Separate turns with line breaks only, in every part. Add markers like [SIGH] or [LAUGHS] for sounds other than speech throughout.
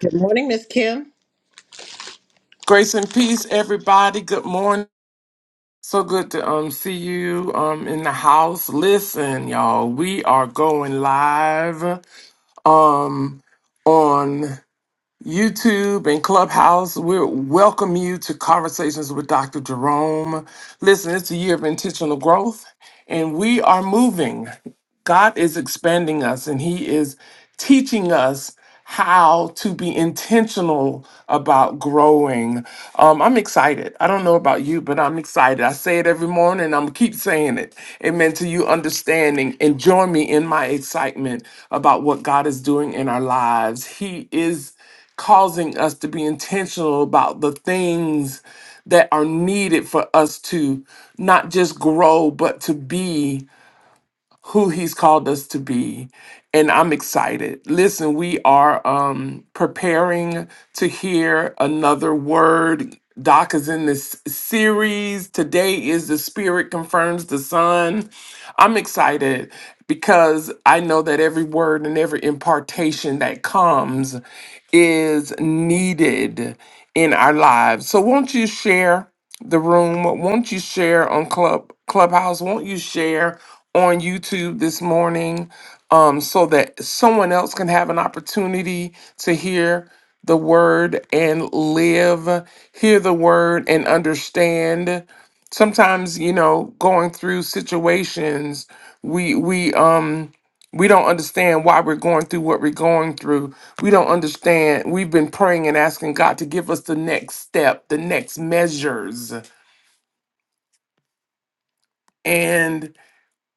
Good morning, Miss Kim.
Grace and peace, everybody. Good morning. So good to um see you um in the house. Listen, y'all, we are going live um on YouTube and Clubhouse. We welcome you to Conversations with Dr. Jerome. Listen, it's a year of intentional growth, and we are moving. God is expanding us and He is teaching us how to be intentional about growing. Um, I'm excited. I don't know about you, but I'm excited. I say it every morning. and I'm gonna keep saying it. Amen to you understanding and join me in my excitement about what God is doing in our lives. He is causing us to be intentional about the things that are needed for us to not just grow, but to be who he's called us to be and i'm excited listen we are um preparing to hear another word doc is in this series today is the spirit confirms the son I'm excited because I know that every word and every impartation that comes is needed in our lives. So won't you share the room? Won't you share on Club Clubhouse? Won't you share on YouTube this morning um, so that someone else can have an opportunity to hear the word and live, hear the word and understand? sometimes you know going through situations we we um we don't understand why we're going through what we're going through we don't understand we've been praying and asking god to give us the next step the next measures and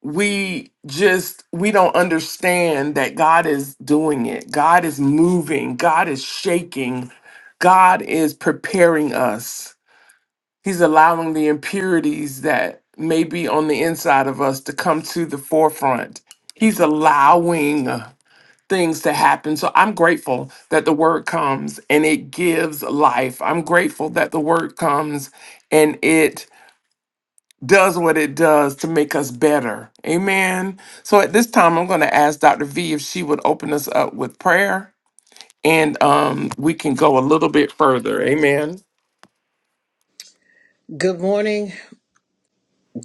we just we don't understand that god is doing it god is moving god is shaking god is preparing us He's allowing the impurities that may be on the inside of us to come to the forefront. He's allowing things to happen. So I'm grateful that the word comes and it gives life. I'm grateful that the word comes and it does what it does to make us better. Amen. So at this time, I'm going to ask Dr. V if she would open us up with prayer and um, we can go a little bit further. Amen.
Good morning,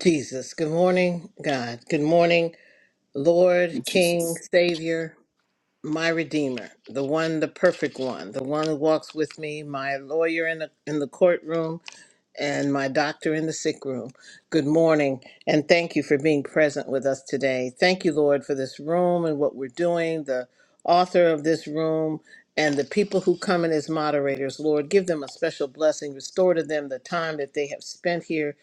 Jesus. Good morning, God. Good morning, Lord,
Jesus.
King, Savior, my Redeemer, the one, the perfect one, the one who walks with me, my lawyer in the in the courtroom, and my doctor in the sick room. Good morning, and thank you for being present with us today. Thank you, Lord, for this room and what we're doing, the author of this room, and the people who come in as moderators. Lord, give them a special blessing, restore to them the time that they have spent here,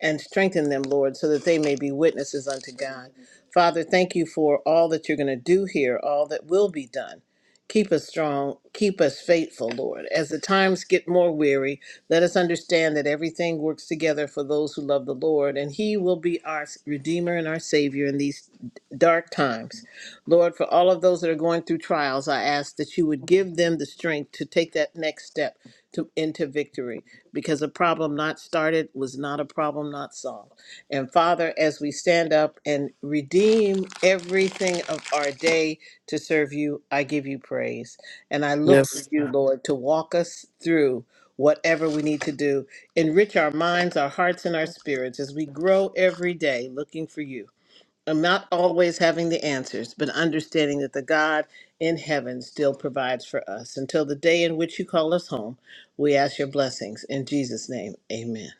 and strengthen them, Lord, so that they may be witnesses unto God. Father, thank you for all that you're going to do here, all that will be done. Keep us strong, keep us faithful, Lord. As the times get more weary, let us understand that everything works together for those who love the Lord, and He will be our Redeemer and our Savior in these dark times. Lord, for all of those that are going through trials, I ask that you would give them the strength to take that next step to, into victory, because a problem not started was not a problem not solved. And Father, as we stand up and redeem everything of our day to serve you, I give you praise. And I look for
Yes.
you, Lord, to walk us through whatever we need to do. Enrich our minds, our hearts, and our spirits as we grow every day looking for you. I'm not always having the answers, but understanding that the God in heaven still provides for us. Until the day in which you call us home, we ask your blessings. In Jesus' name, amen.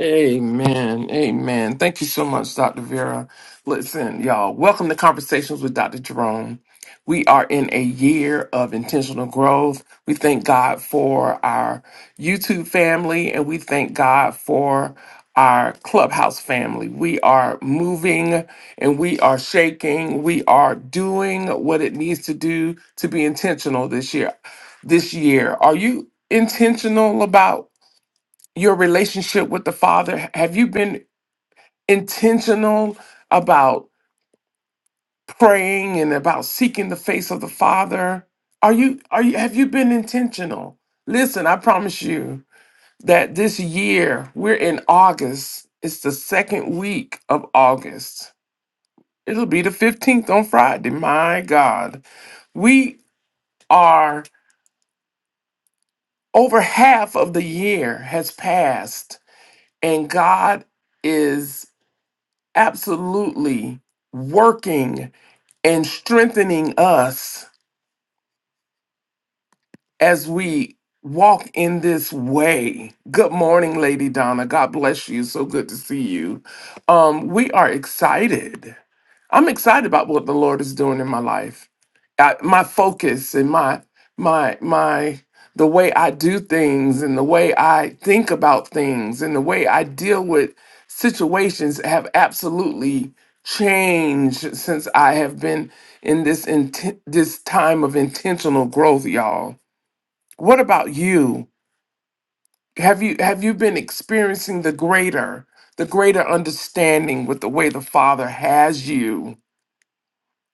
Amen. Amen. Thank you so much, Dr. Vera. Listen, y'all, welcome to Conversations with Dr. Jerome. We are in a year of intentional growth. We thank God for our YouTube family and we thank God for our clubhouse family. We are moving and we are shaking. We are doing what it needs to do to be intentional this year. This year, are you intentional about? your relationship with the Father? Have you been intentional about praying and about seeking the face of the Father? Are you are you have you been intentional? Listen, I promise you that this year we're in August. It's the second week of August. It'll be the 15th on Friday. My God. We are over half of the year has passed and God is absolutely working and strengthening us as we walk in this way. Good morning, Lady Donna. God bless you. So good to see you. Um, we are excited I'm excited about what the Lord is doing in my life. I, my focus and my my my the way I do things and the way I think about things and the way I deal with situations have absolutely changed since I have been in this inten- this time of intentional growth, y'all. What about you? Have you have you been experiencing the greater the greater understanding with the way the Father has you?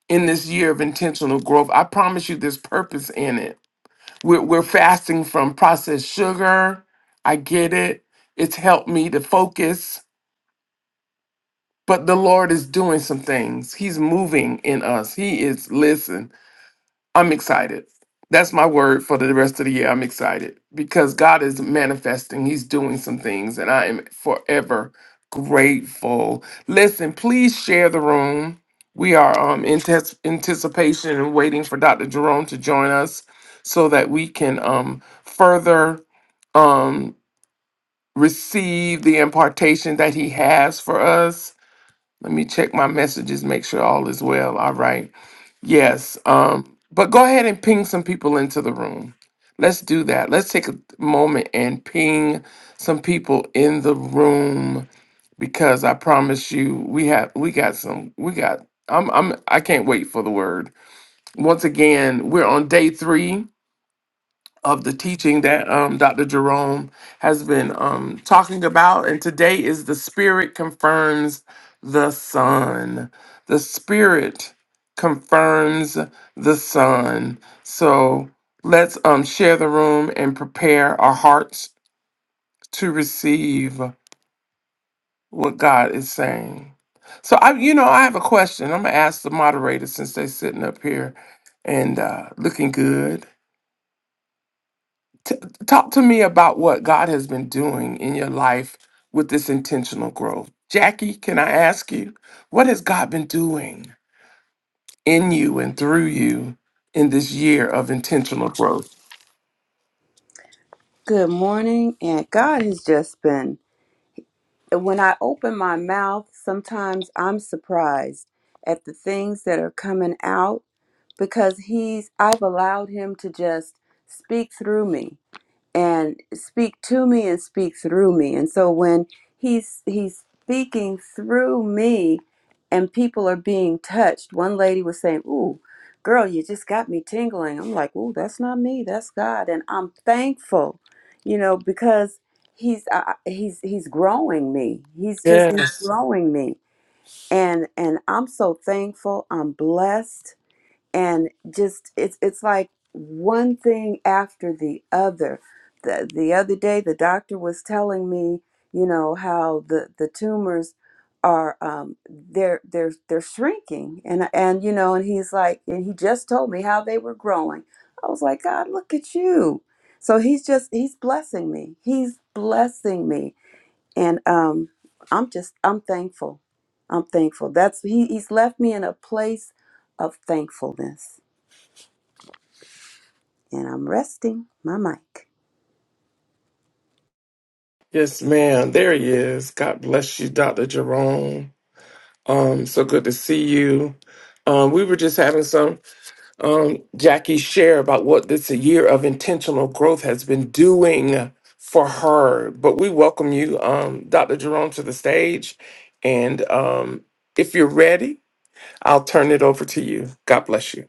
in this year of intentional growth. I promise you there's purpose in it. We're, we're fasting from processed sugar. I get it. It's helped me to focus, but the Lord is doing some things. He's moving in us. He is, listen. I'm excited. That's my word for the rest of the year. I'm excited because God is manifesting. He's doing some things, and I am forever grateful. Listen, please share the room. We are um, in tes- anticipation and waiting for Dr. Jerome to join us so that we can um, further um, receive the impartation that he has for us. Let me check my messages, make sure all is well. All right. Yes. Um, but go ahead and ping some people into the room. Let's do that. Let's take a moment and ping some people in the room because I promise you we have we got some we got I'm I'm I can't wait for the word. Once again, we're on day 3 of the teaching that um, Dr. Jerome has been um, talking about. And today is the Spirit confirms the Son. The Spirit confirms the Son. So let's um, share the room and prepare our hearts to receive what God is saying. So I, you know, I have a question. I'm gonna ask the moderator since they're sitting up here and uh, looking good. T- talk to me about what God has been doing in your life with this intentional growth. Jackie, can I ask you, what has God been doing in you and through you in this year of intentional growth?
Good morning, and God has just been. When I open my mouth, sometimes I'm surprised at the things that are coming out because He's, I've allowed Him to just speak through me and speak to me and speak through me. And so when he's he's speaking through me and people are being touched, one lady was saying, Ooh, girl, you just got me tingling. I'm like, Ooh, that's not me, that's God. And I'm thankful, you know, because he's uh, he's he's growing me. He's just he's
Yes,
growing me. And and I'm so thankful. I'm blessed and just it's it's like one thing after the other. The the other day the doctor was telling me, you know, how the the tumors are um they're they're they're shrinking and and you know and he's like and he just told me how they were growing. I was like, God, look at you. So he's just he's blessing me. He's blessing me. And um I'm just I'm thankful. I'm thankful. That's he he's left me in a place of thankfulness and I'm resting my mic.
yes, ma'am. There he is. God bless you, Dr. Jerome. Um, so good to see you. Um, we were just having some um, Jackie share about what this year of intentional growth has been doing for her. But we welcome you, um, Dr. Jerome, to the stage. And um, if you're ready, I'll turn it over to you. God bless you.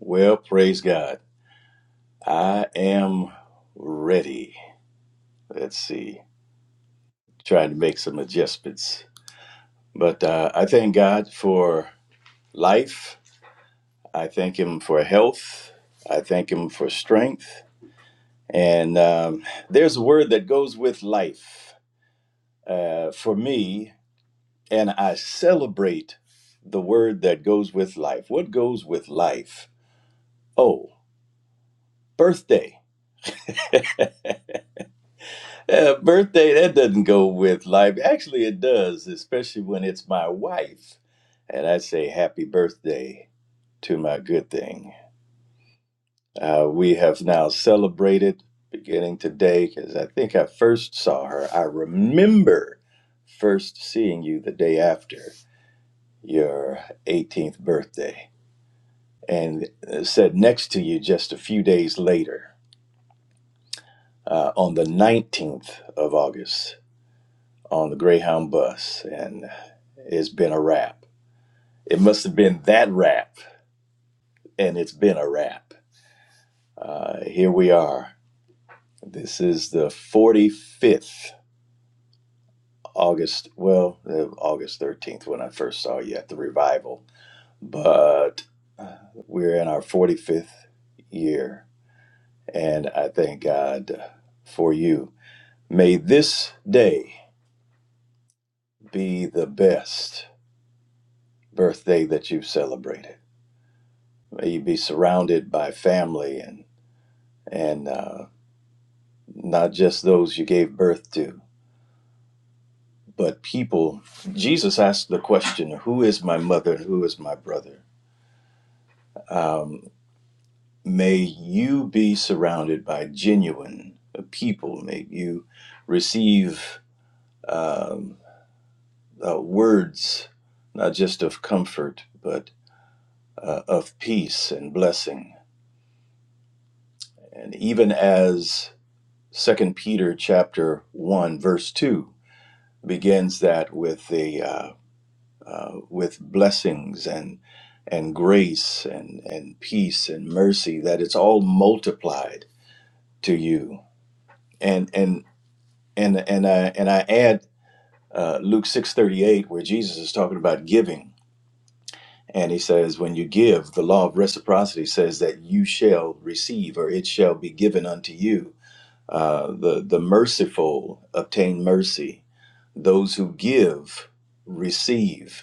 Well, praise God. I am ready. Let's see. Trying to make some adjustments. But uh, I thank God for life. I thank Him for health. I thank Him for strength. And um, there's a word that goes with life uh, for me. And I celebrate the word that goes with life. What goes with life? Oh, birthday. Uh, birthday, that doesn't go with life. Actually, it does, especially when it's my wife. And I say happy birthday to my good thing. Uh, we have now celebrated beginning today because I think I first saw her. I remember first seeing you the day after your 18th birthday and uh, sat next to you just a few days later uh, on the 19th of August. on the Greyhound bus, and it's been a wrap. It must have been that wrap, and it's been a wrap. Uh, here we are. This is the 45th August, well, uh, August 13th when I first saw you at the revival, but we're in our 45th year, and I thank God for you. May this day be the best birthday that you've celebrated. May you be surrounded by family and and uh, not just those you gave birth to, but people. Jesus asked the question, Who is my mother and who is my brother? Um, may you be surrounded by genuine people. May you receive um, uh, words, not just of comfort, but uh, of peace and blessing. And even as Second Peter chapter 1, verse 2 begins that with the. uh, with blessings and and grace and and peace and mercy that it's all multiplied to you and and and and I and I add uh, Luke six thirty eight where Jesus is talking about giving and he says when you give the law of reciprocity says that you shall receive or it shall be given unto you uh, the the merciful obtain mercy those who give receive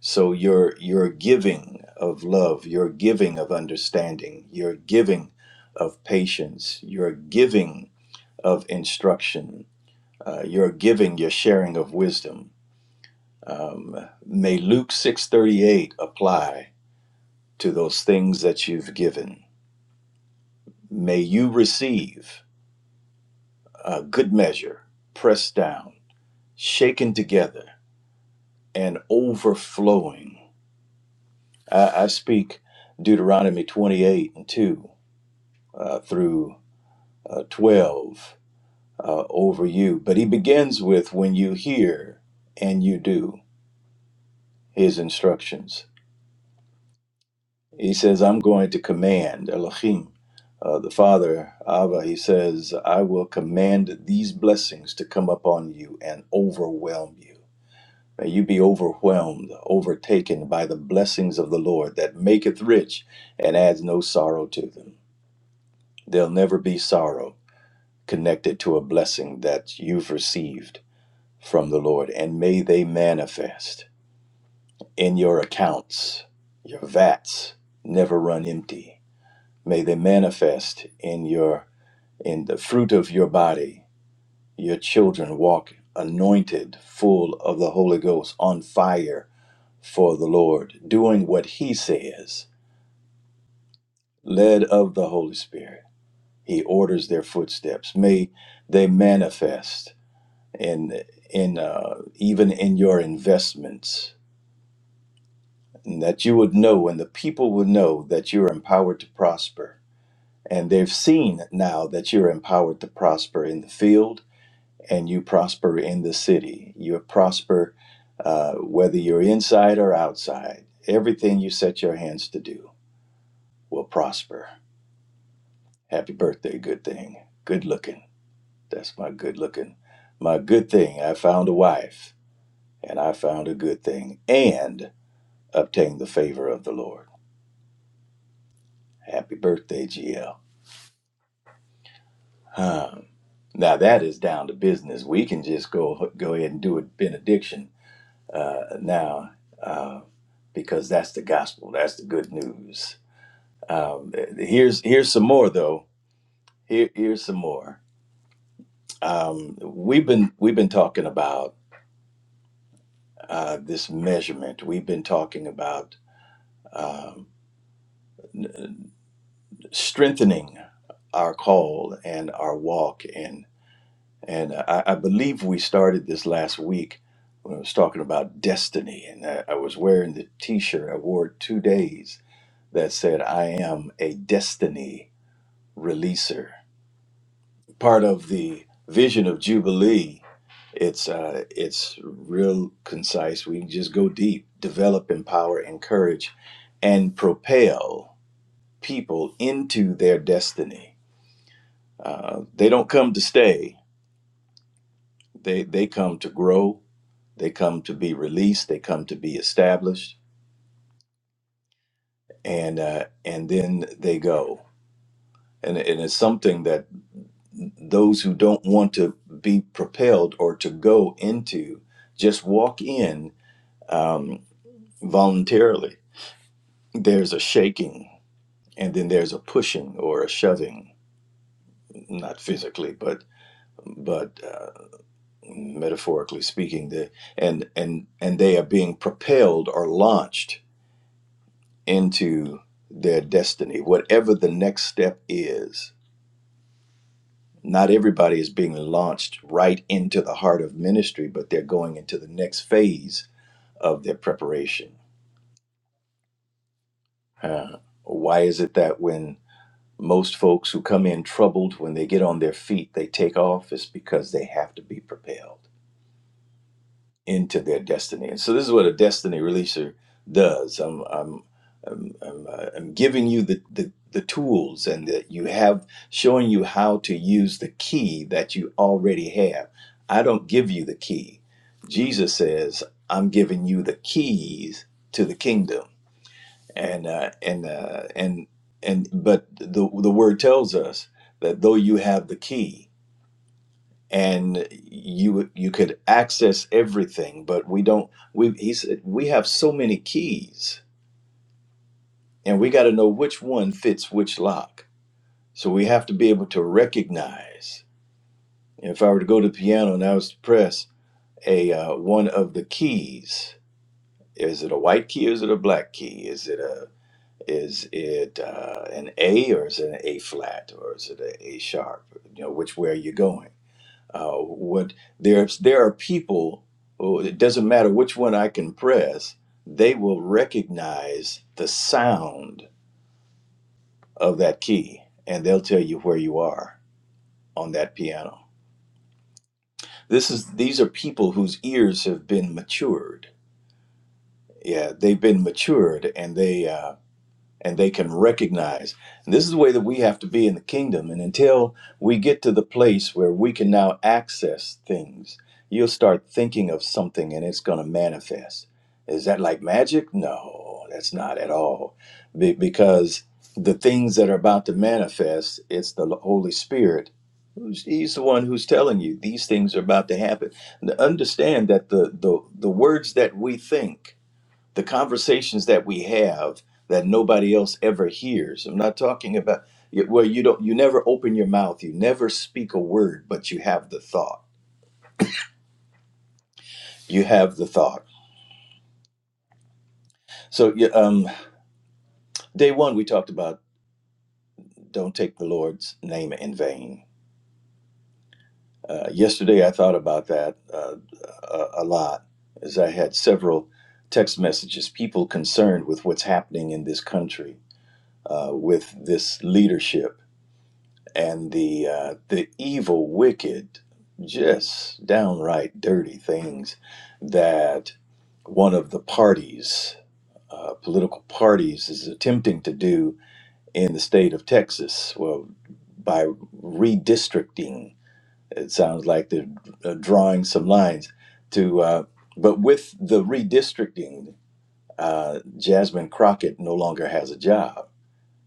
So your your giving of love, your giving of understanding, your giving of patience, your giving of instruction, uh, your giving, your sharing of wisdom. Um, may Luke six thirty eight apply to those things that you've given. May you receive a good measure, pressed down, shaken together, and overflowing. I, I speak Deuteronomy twenty eight and two uh, through. uh, 12 uh, over you. But he begins with when you hear and you do his instructions. He says, I'm going to command Elohim, uh, the Father, Abba. He says, I will command these blessings to come upon you and overwhelm you. May you be overwhelmed, overtaken by the blessings of the Lord that maketh rich and adds no sorrow to them. There'll never be sorrow connected to a blessing that you've received from the Lord, and may they manifest in your accounts. Your vats never run empty. May they manifest in your in the fruit of your body. Your children walk anointed, full of the Holy Ghost, on fire for the Lord, doing what he says, led of the Holy Spirit. He orders their footsteps. May they manifest in in uh, even in your investments and that you would know and the people would know that you're empowered to prosper. And they've seen now that you're empowered to prosper in the field and you prosper in the city. You prosper uh, whether you're inside or outside. Everything you set your hands to do will prosper. Happy birthday, good thing. Good looking. That's my good looking. My good thing. I found a wife and I found a good thing and obtained the favor of the Lord. Happy birthday, GL. Huh. Now that is down to business. We can just go go ahead and do a benediction uh, now uh, because that's the gospel. That's the good news. Um, here's here's some more though. Here here's some more. Um, we've been we've been talking about uh, this measurement. We've been talking about um, strengthening our call and our walk and And I, I believe we started this last week when I was talking about destiny. And I, I was wearing the t shirt, I wore it two days that said, I am a destiny releaser. Part of the vision of Jubilee, it's, uh, it's real concise. We can just go deep, develop, empower, encourage, and propel people into their destiny. Uh, they don't come to stay, they, they come to grow They come to be released. They come to be established, and uh, and then they go. And, and it's something that those who don't want to be propelled or to go into just walk in um, voluntarily. There's a shaking, and then there's a pushing or a shoving, not physically, but but uh, metaphorically speaking. The, and and and they are being propelled or launched into their destiny, whatever the next step is. Not everybody is being launched right into the heart of ministry, but they're going into the next phase of their preparation. Uh, why is it that when most folks who come in troubled, when they get on their feet, they take off? It's because they have to be propelled. into their destiny. And so this is what a destiny releaser does. I'm I'm I'm, I'm, uh, I'm giving you the, the the tools and that you have showing you how to use the key that you already have. I don't give you the key. Jesus says, "I'm giving you the keys to the kingdom." And uh, and uh, and and but the the word tells us that though you have the key, and you you could access everything but we don't we he said we have so many keys and we got to know which one fits which lock so we have to be able to recognize if i were to go to the piano and i was to press a uh, one of the keys is it a white key or is it a black key is it a is it uh, an a or is it an a flat or is it a, a sharp you know which way are you going Uh, what there's there are people. oh, it doesn't matter which one I can press. They will recognize the sound of that key, and they'll tell you where you are on that piano. This is these are people whose ears have been matured. Yeah, they've been matured, and they. Uh, and they can recognize. And this is the way that we have to be in the kingdom. And until we get to the place where we can now access things, you'll start thinking of something and it's going to manifest. Is that like magic? No, that's not at all. Be- because the things that are about to manifest, it's the Holy Spirit. who's- He's the one who's telling you these things are about to happen. And understand that the, the, the words that we think the conversations that we have that nobody else ever hears. I'm not talking about where you don't you never open your mouth, you never speak a word, but you have the thought. You have the thought. So yeah, um, day one we talked about don't take the Lord's name in vain. Uh, yesterday I thought about that uh, a, a lot as I had several text messages, people concerned with what's happening in this country uh, with this leadership and the uh, the evil, wicked, just downright dirty things that one of the parties, uh, political parties, is attempting to do in the state of Texas. Well, by redistricting, it sounds like they're uh, drawing some lines to. Uh, but with the redistricting, uh, Jasmine Crockett no longer has a job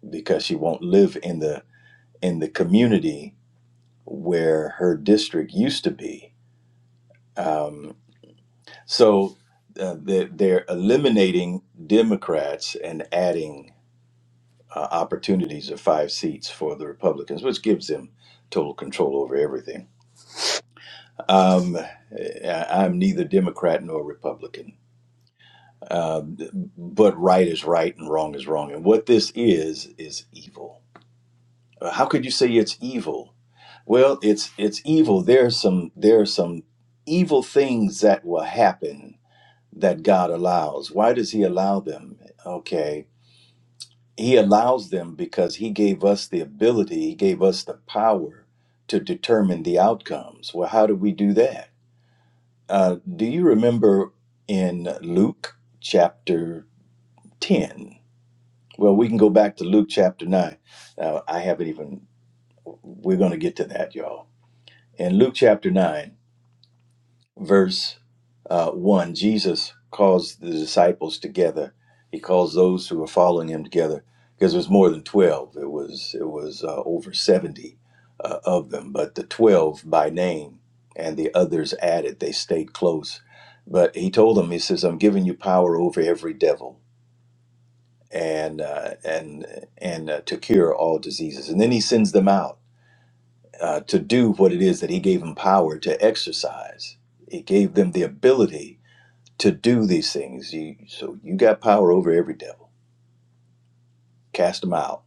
because she won't live in the in the community where her district used to be. Um, so uh, they're, they're eliminating Democrats and adding uh, opportunities of five seats for the Republicans, which gives them total control over everything. Um, I- I'm neither Democrat nor Republican. Uh, but right is right and wrong is wrong. And what this is, is evil. Uh, How could you say it's evil Well, it's it's evil. There's some there are some evil things that will happen that God allows. Why does he allow them? Okay. He allows them because he gave us the ability, he gave us the power to determine the outcomes. Well, how do we do that? Uh, do you remember in Luke chapter 10? Well, we can go back to Luke chapter 9. Now, I haven't even, we're going to get to that, y'all. In Luke chapter 9, verse uh, 1, Jesus calls the disciples together. He calls those who are following him together because it was more than 12. It was, it was uh, over 70 uh, of them, but the 12 by name and the others added, they stayed close. But he told them, he says, I'm giving you power over every devil and, uh, and, and uh, to cure all diseases. And then he sends them out uh, to do what it is that he gave them power to exercise. He gave them the ability to do these things. You, so you got power over every devil. Cast them out.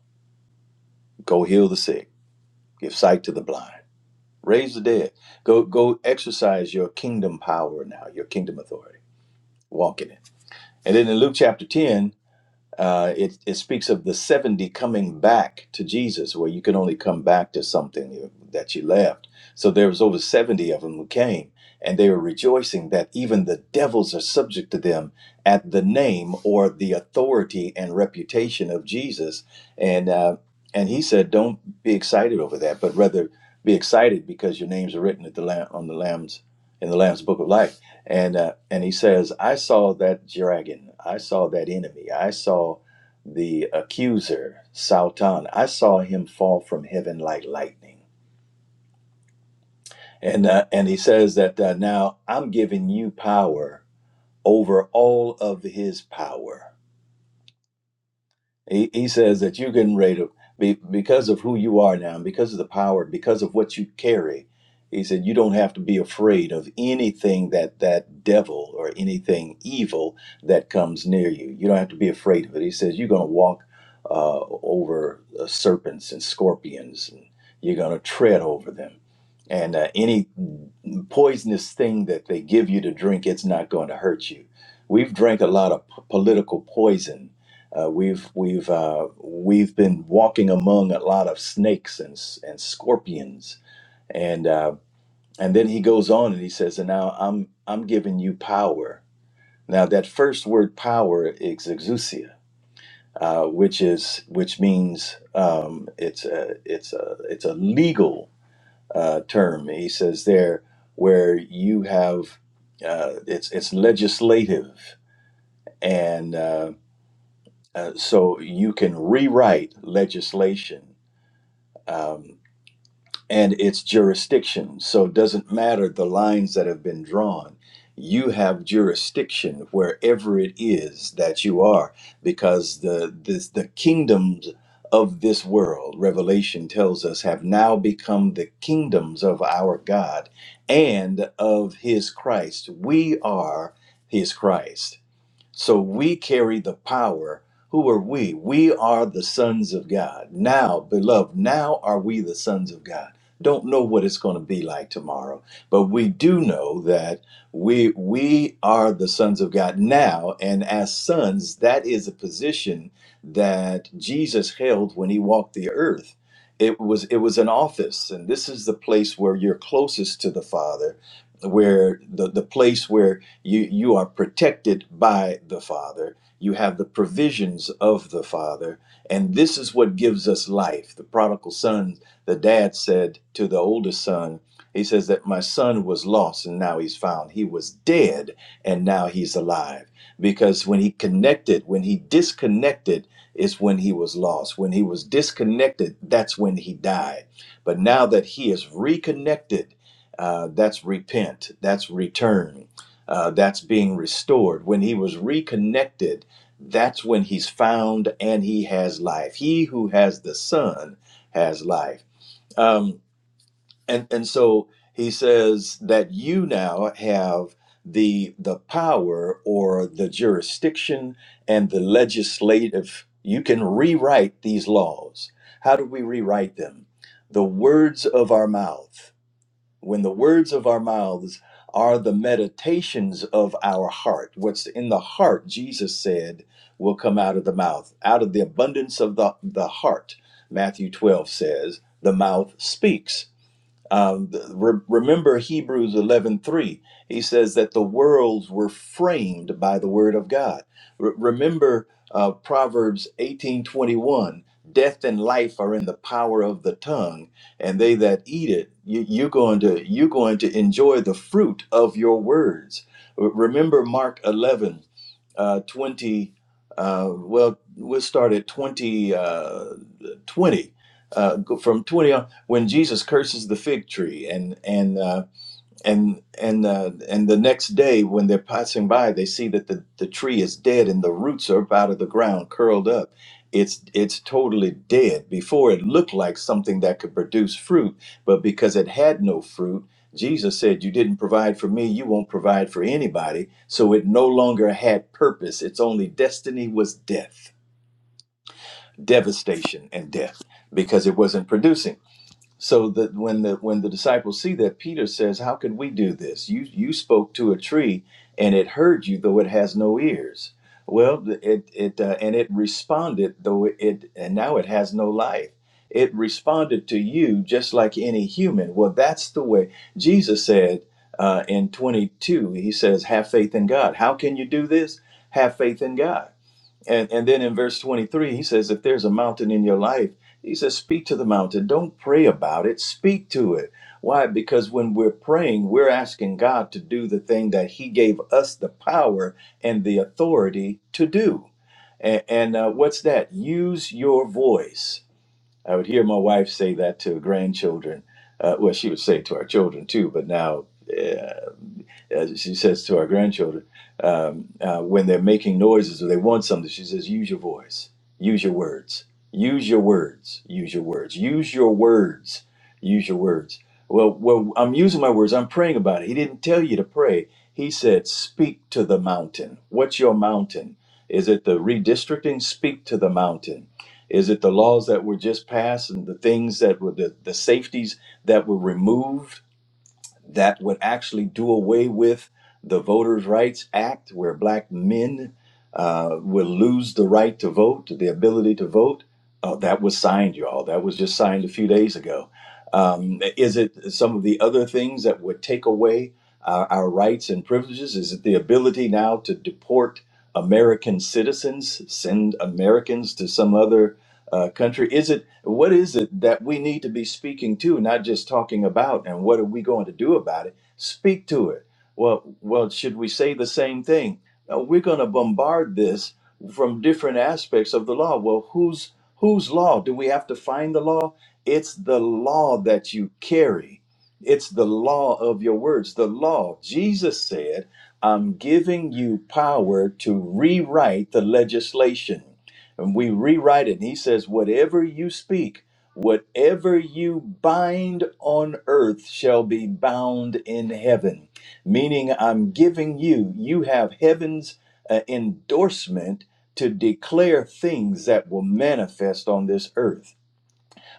Go heal the sick. Give sight to the blind. Raise the dead. Go go exercise your kingdom power now, your kingdom authority. Walk in it. And then in Luke chapter 10, Uh, it, it speaks of the 70 coming back to Jesus, where you can only come back to something that you left. So there was over 70 of them who came, and they were rejoicing that even the devils are subject to them at the name or the authority and reputation of Jesus. And uh, and he said, don't be excited over that, but rather be excited because your names are written at the lamb on the lamb's in the lamb's book of life and uh, and he says, "I saw that dragon. I saw that enemy. I saw the accuser, Sautan. I saw him fall from heaven like lightning." And uh, and he says that uh, now I'm giving you power over all of his power. He, he says that you're getting ready to be because of who you are now, because of the power, because of what you carry. He said you don't have to be afraid of anything that that devil or anything evil that comes near you. You don't have to be afraid of it. He says you're going to walk uh, over uh, serpents and scorpions, and you're going to tread over them. And uh, any poisonous thing that they give you to drink, it's not going to hurt you. We've drank a lot of p- political poison uh, we've we've uh, we've been walking among a lot of snakes and s- and scorpions, and uh, and then he goes on and he says, and now I'm I'm giving you power. Now that first word power is exousia, uh, which is which means um, it's a it's a it's a legal uh, term. He says there where you have uh, it's it's legislative and. Uh, uh, so you can rewrite legislation um, and its jurisdiction. So it doesn't matter the lines that have been drawn. You have jurisdiction wherever it is that you are, because the this, the kingdoms of this world, Revelation tells us, have now become the kingdoms of our God and of His Christ. We are His Christ. So we carry the power. Who are we? We are the sons of God. Now, beloved, now are we the sons of God. Don't know what it's going to be like tomorrow, but we do know that we we are the sons of God now, and as sons, that is a position that Jesus held when he walked the earth. It was it was an office, and this is the place where you're closest to the Father, where the, the place where you you are protected by the father you have the provisions of the father and this is what gives us life the prodigal son the dad said to the oldest son he says that my son was lost and now he's found he was dead and now he's alive because when he connected when he disconnected is when he was lost when he was disconnected that's when he died but now that he is reconnected uh, that's repent that's return uh, that's being restored. When he was reconnected, that's when he's found and he has life. He who has the Son has life. Um, and and so he says that you now have the the power or the jurisdiction and the legislative. You can rewrite these laws. How do we rewrite them? The words of our mouth when the words of our mouths are the meditations of our heart what's in the heart jesus said will come out of the mouth out of the abundance of the, the heart matthew 12 says the mouth speaks um, re- remember Hebrews 11:3. He says that the worlds were framed by the word of God. Re- remember uh, Proverbs 18:21. Death and life are in the power of the tongue, and they that eat it, you, you're going to you're going to enjoy the fruit of your words. Re- Remember Mark 11 uh, 20, uh, well, we'll start at 20, uh, 20, uh, go from 20 on, when Jesus curses the fig tree. And, and, uh, and and uh, and the next day when they're passing by they see that the, the tree is dead and the roots are up out of the ground curled up it's it's totally dead before it looked like something that could produce fruit but because it had no fruit jesus said you didn't provide for me you won't provide for anybody so it no longer had purpose its only destiny was death devastation and death because it wasn't producing so that when the when the disciples see that peter says how can we do this you you spoke to a tree and it heard you though it has no ears well it it uh, and it responded though it and now it has no life it responded to you just like any human well that's the way jesus said uh, in 22 he says have faith in god how can you do this have faith in god and and then in verse 23, he says, if there's a mountain in your life, he says, speak to the mountain. Don't pray about it. Speak to it. Why? Because when we're praying, we're asking God to do the thing that He gave us the power and the authority to do. And, and uh, what's that? Use your voice. I would hear my wife say that to grandchildren. Uh, well, she would say it to our children too, but now. yeah, as she says to our grandchildren, um, uh, when they're making noises or they want something, she says, use your voice, use your words, use your words, use your words, use your words, use your words. Well, well, I'm using my words. I'm praying about it. He didn't tell you to pray. He said, speak to the mountain. What's your mountain? Is it the redistricting? Speak to the mountain. Is it the laws that were just passed and the things that were the, the safeties that were removed? that would actually do away with the Voters' Rights Act, where black men uh, will lose the right to vote, the ability to vote. Uh, that was signed, y'all. That was just signed a few days ago. Um, is it some of the other things that would take away our, our rights and privileges? Is it the ability now to deport American citizens, send Americans to some other uh, country? Is it what is it that we need to be speaking to, not just talking about, and what are we going to do about it? Speak to it. Well, well, should we say the same thing? Uh, we're going to bombard this from different aspects of the law. Well, whose whose law? Do we have to find the law? It's the law that you carry. It's the law of your words. The law. Jesus said, "I'm giving you power to rewrite the legislation." and we rewrite it. And he says, Whatever you speak, whatever you bind on earth shall be bound in heaven. Meaning, I'm giving you, you have heaven's uh, endorsement to declare things that will manifest on this earth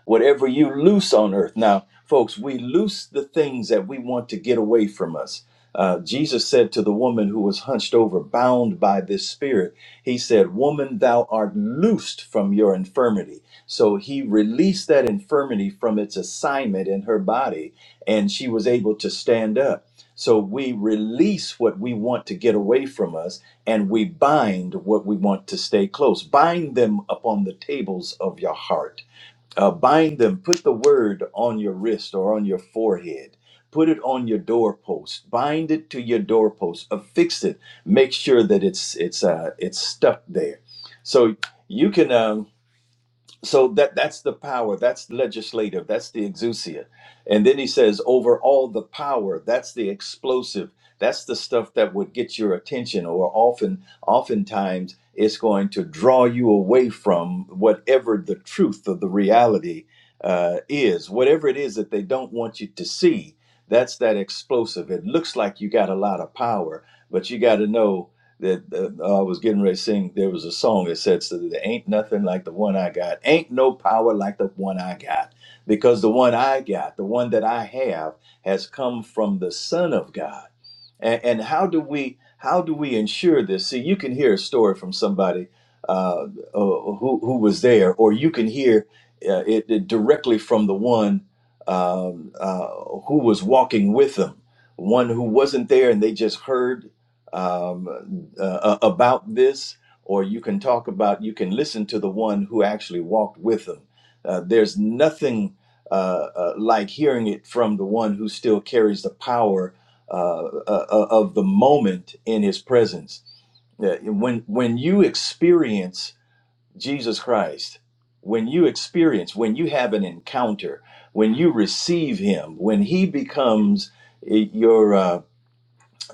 whatever you loose on earth. Now, folks, we loose the things that we want to get away from us. Uh, Jesus said to the woman who was hunched over, bound by this spirit, He said, Woman, thou art loosed from your infirmity. So He released that infirmity from its assignment in her body, and she was able to stand up. So we release what we want to get away from us, and we bind what we want to stay close. Bind them upon the tables of your heart uh, bind them, put the word on your wrist or on your forehead. Put it on your doorpost. Bind it to your doorpost. Affix it. Make sure that it's it's uh, it's stuck there. So you can. Um, so that that's the power that's legislative that's the exousia and then he says over all the power that's the explosive that's the stuff that would get your attention or often oftentimes it's going to draw you away from whatever the truth of the reality uh, is whatever it is that they don't want you to see that's that explosive it looks like you got a lot of power but you got to know that uh, I was getting ready to sing. There was a song that said, so "There ain't nothing like the one I got. Ain't no power like the one I got, because the one I got, the one that I have, has come from the Son of God." And, and how do we how do we ensure this? See, you can hear a story from somebody uh, uh, who who was there, or you can hear uh, it, it directly from the one um, uh, who was walking with them, one who wasn't there, and they just heard um, uh, about this, or you can talk about, you can listen to the one who actually walked with them. Uh, there's nothing uh, uh, like hearing it from the one who still carries the power uh, uh, uh, of the moment in his presence. Uh, When, when you experience Jesus Christ, when you experience, when you have an encounter, when you receive him, when he becomes eh, your uh,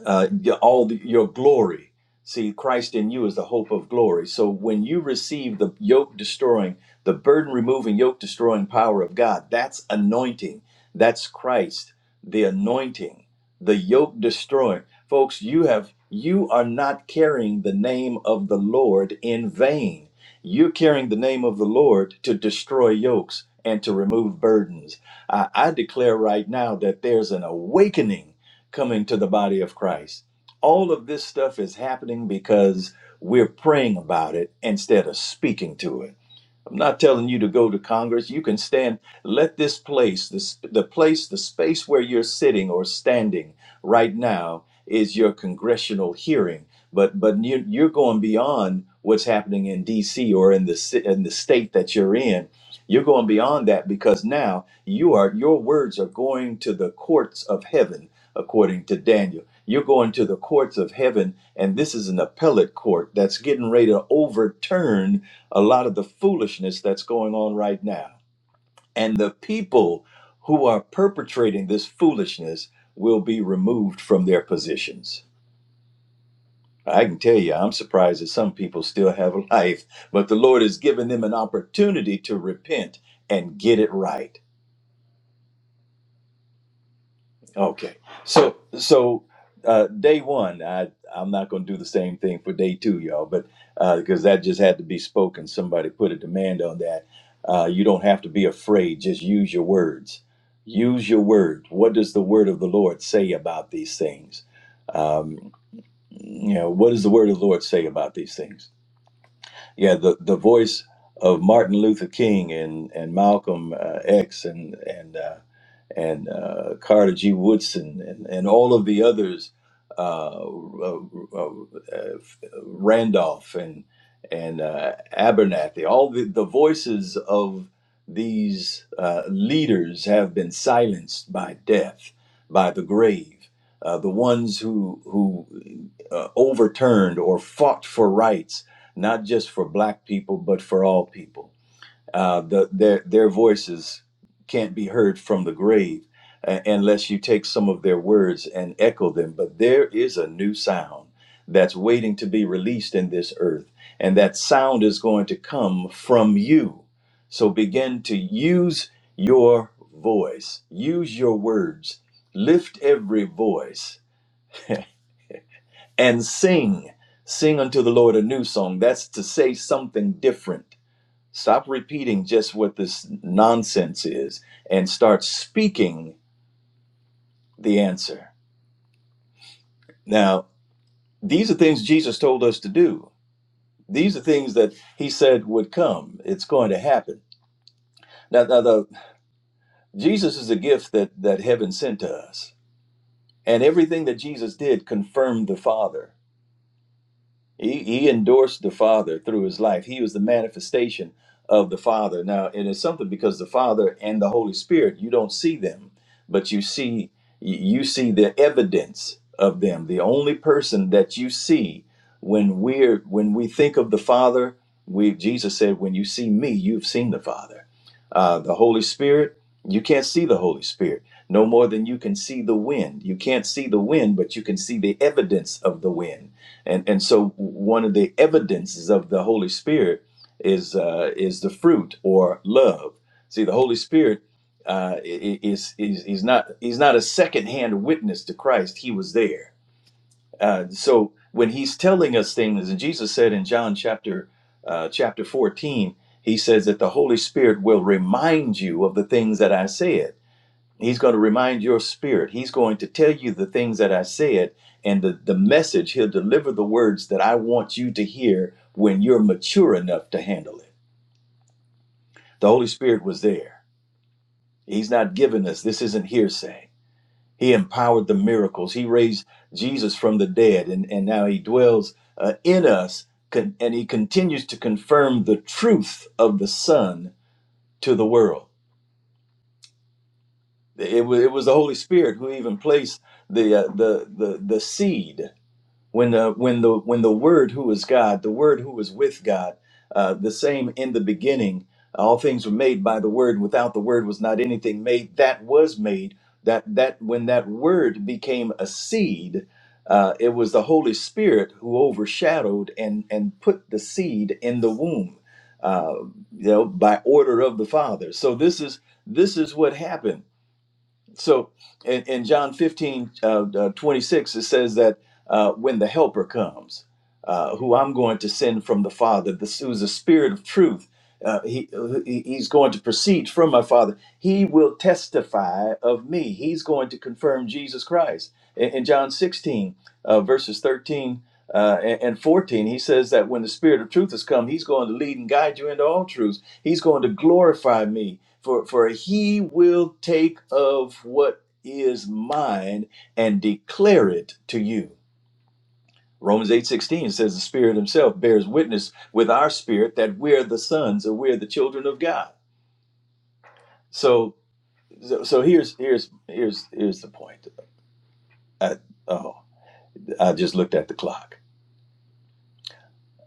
uh, y- all the, your glory. See, Christ in you is the hope of glory. So when you receive the yoke destroying, the burden removing, yoke destroying power of God, that's anointing. That's Christ, the anointing, the yoke destroying. Folks, you have you are not carrying the name of the Lord in vain. You're carrying the name of the Lord to destroy yokes and to remove burdens. I, I declare right now that there's an awakening coming to the body of Christ. All of this stuff is happening because we're praying about it instead of speaking to it. I'm not telling you to go to Congress. You can stand. Let this place, this the place, the space where you're sitting or standing right now is your congressional hearing. But but you, you're going beyond what's happening in D.C. or in the ci- in the state that you're in. You're going beyond that because now you are your words are going to the courts of heaven, according to Daniel. You're going to the courts of heaven, and this is an appellate court that's getting ready to overturn a lot of the foolishness that's going on right now. And the people who are perpetrating this foolishness will be removed from their positions. I can tell you, I'm surprised that some people still have [LAUGHS] a life, but the Lord has given them an opportunity to repent and get it right. Okay. So so uh, day one, I I'm not going to do the same thing for day two, y'all, but because that just had to be spoken. Somebody put a demand on that. Uh, you don't have to be afraid. Just use your words. Use your word. What does the word of the Lord say about these things? Um, you know, what does the word of the Lord say about these things? yeah, the the voice of Martin Luther King and and Malcolm uh, X and and uh, and uh, Carter G. Woodson and, and all of the others, uh, uh, uh, uh, Randolph and and uh, Abernathy, all the, the voices of these uh, leaders have been silenced by death, by the grave. Uh, the ones who who uh, overturned or fought for rights not just for black people, but for all people. Uh, the, their, their voices can't be heard from the grave uh, unless you take some of their words and echo them. But there is a new sound that's waiting to be released in this earth, and that sound is going to come from you. So begin to use your voice, use your words, lift every voice, and sing. Sing unto the Lord a new song. That's to say something different Stop repeating just what this nonsense is and start speaking the answer. Now, these are things Jesus told us to do. These are things that he said would come. It's going to happen. Now, now the, Jesus is a gift that, that heaven sent to us. And everything that Jesus did confirmed the Father. He, he endorsed the Father through his life. He was the manifestation of the Father. Now, it is something because the Father and the Holy Spirit, you don't see them, but you see you see the evidence of them. The only person that you see when we're when we think of the Father, we Jesus said, "When you see me, you've seen the Father." Uh, the Holy Spirit, you can't see the Holy Spirit no more than you can see the wind. You can't see the wind, but you can see the evidence of the wind and and so one of the evidences of the Holy Spirit is uh, is the fruit or love. See, the Holy Spirit uh, is is he's not he's not a secondhand witness to Christ. He was there. Uh, so when he's telling us things, and Jesus said in John chapter uh, chapter fourteen, he says that the Holy Spirit will remind you of the things that I said He's going to remind your spirit. He's going to tell you the things that I said and the, the message. He'll deliver the words that I want you to hear when you're mature enough to handle it. The Holy Spirit was there. He's not giving us, this isn't hearsay. He empowered the miracles. He raised Jesus from the dead, and, and now he dwells uh, in us, con- and he continues to confirm the truth of the Son to the world. It was, it was the Holy Spirit who even placed the, uh, the, the, the seed when the when the when the word who is god the word who was with god uh, the same in the beginning all things were made by the word without the word was not anything made that was made that that when that word became a seed uh, it was the holy spirit who overshadowed and and put the seed in the womb uh, you know by order of the father so this is this is what happened so in, in John 15, uh, uh, 26, it says that uh, when the helper comes, uh, who I'm going to send from the Father, this who's the Spirit of truth. Uh, he, he- he's going to proceed from my Father. He will testify of me. He's going to confirm Jesus Christ. In, in John 16, uh, verses 13 uh, and, and 14, he says that when the Spirit of truth has come, he's going to lead and guide you into all truths. He's going to glorify me, for, for he will take of what is mine and declare it to you. Romans 8:16 says the Spirit himself bears witness with our spirit that we're the sons or we're the children of God. So so, so here's here's here's here's the point. I, oh, I just looked at the clock.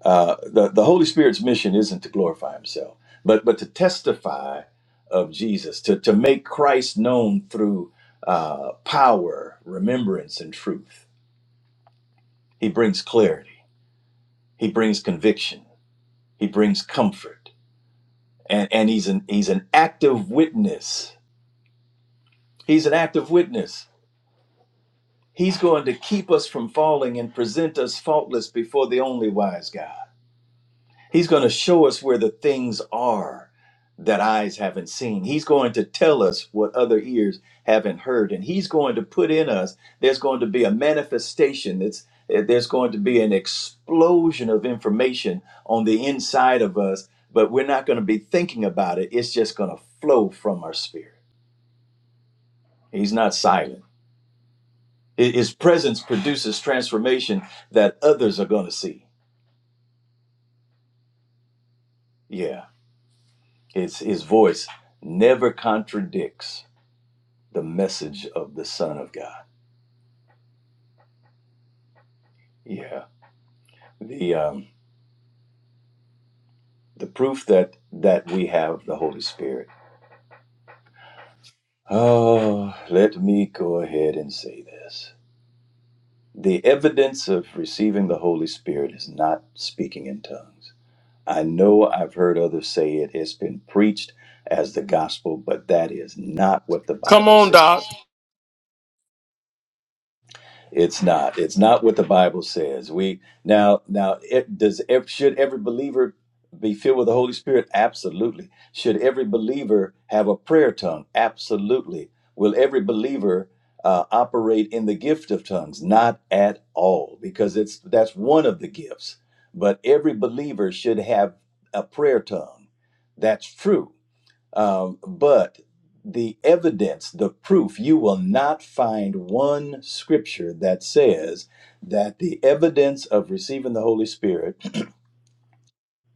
Uh, the the Holy Spirit's mission isn't to glorify himself, but but to testify of Jesus, to to make Christ known through uh, power, remembrance and truth. He brings clarity. He brings conviction. He brings comfort. and and he's an he's an active witness he's an active witness he's going to keep us from falling and present us faultless before the only wise god he's going to show us where the things are that eyes haven't seen he's going to tell us what other ears haven't heard and he's going to put in us there's going to be a manifestation that's there's going to be an explosion of information on the inside of us but we're not going to be thinking about it it's just going to flow from our spirit He's not silent. I- His presence produces transformation that others are going to see. Yeah, it's his voice never contradicts the message of the Son of God. Yeah, the um, the proof that that we have the Holy Spirit. Oh, let me go ahead and say this: the evidence of receiving the Holy Spirit is not speaking in tongues. I know I've heard others say it, it's been preached as the gospel, but that is not what the
Come
Bible
on, Doc.
says. It's not. It's not what the Bible says. We now now it does ev- should every believer be filled with the Holy Spirit? Absolutely. Should every believer have a prayer tongue? Absolutely. Will every believer uh, operate in the gift of tongues? Not at all, because it's that's one of the gifts. But every believer should have a prayer tongue. That's true. Um, but the evidence, the proof, you will not find one scripture that says that the evidence of receiving the Holy Spirit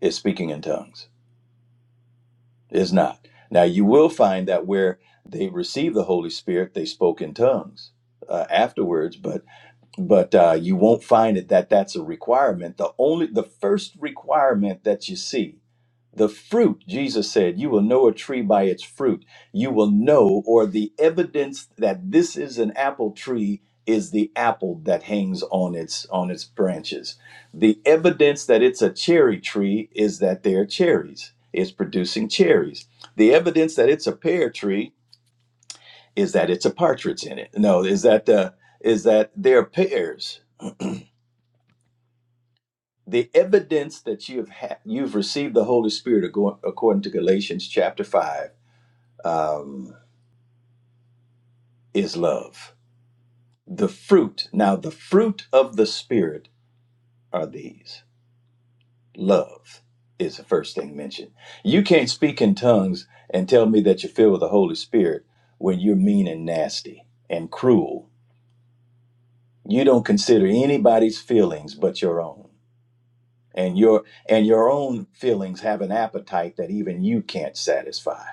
is speaking in tongues. Is not. Now, you will find that where they received the Holy Spirit, they spoke in tongues uh, afterwards. but but uh, you won't find it that that's a requirement the only the first requirement that you see the fruit jesus said you will know a tree by its fruit you will know or the evidence that this is an apple tree is the apple that hangs on its on its branches the evidence that it's a cherry tree is that there are cherries it's producing cherries the evidence that it's a pear tree is that it's a partridge in it no is that the is that there are pears the evidence that you have ha- you've received the Holy Spirit ago- according to Galatians chapter five um, is love. The fruit now the fruit of the Spirit are these. Love is the first thing mentioned. You can't speak in tongues and tell me that you're filled with the Holy Spirit when you're mean and nasty and cruel. You don't consider anybody's feelings but your own. And your and your own feelings have an appetite that even you can't satisfy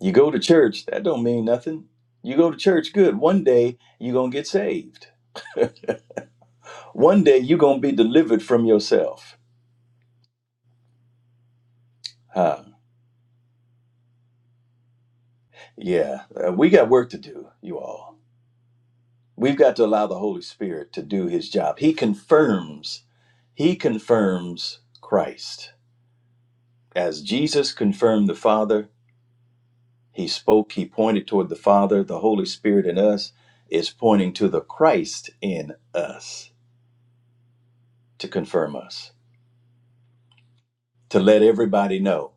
You go to church, that don't mean nothing. You go to church, good. One day you're gonna get saved. One day you're gonna be delivered from yourself. Huh. Yeah, uh, we got work to do, you all. We've got to allow the Holy Spirit to do his job. He confirms, he confirms Christ. As Jesus confirmed the Father, he spoke, he pointed toward the Father, the Holy Spirit in us is pointing to the Christ in us to confirm us. to let everybody know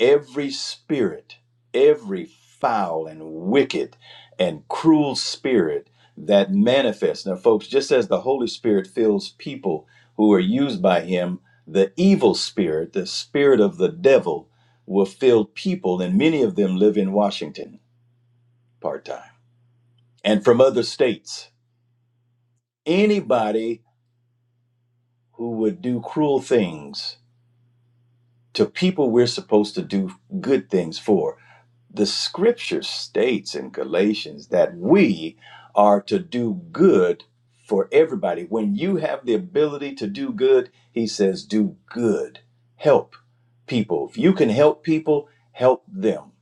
every spirit, every foul and wicked and cruel spirit that manifests. Now, folks, just as the Holy Spirit fills people who are used by Him, the evil spirit, the spirit of the devil, will fill people, and many of them live in Washington part time and from other states. Anybody who would do cruel things to people we're supposed to do good things for The scripture states in Galatians that we are to do good for everybody. When you have the ability to do good, he says, do good. Help people. If you can help people, help them.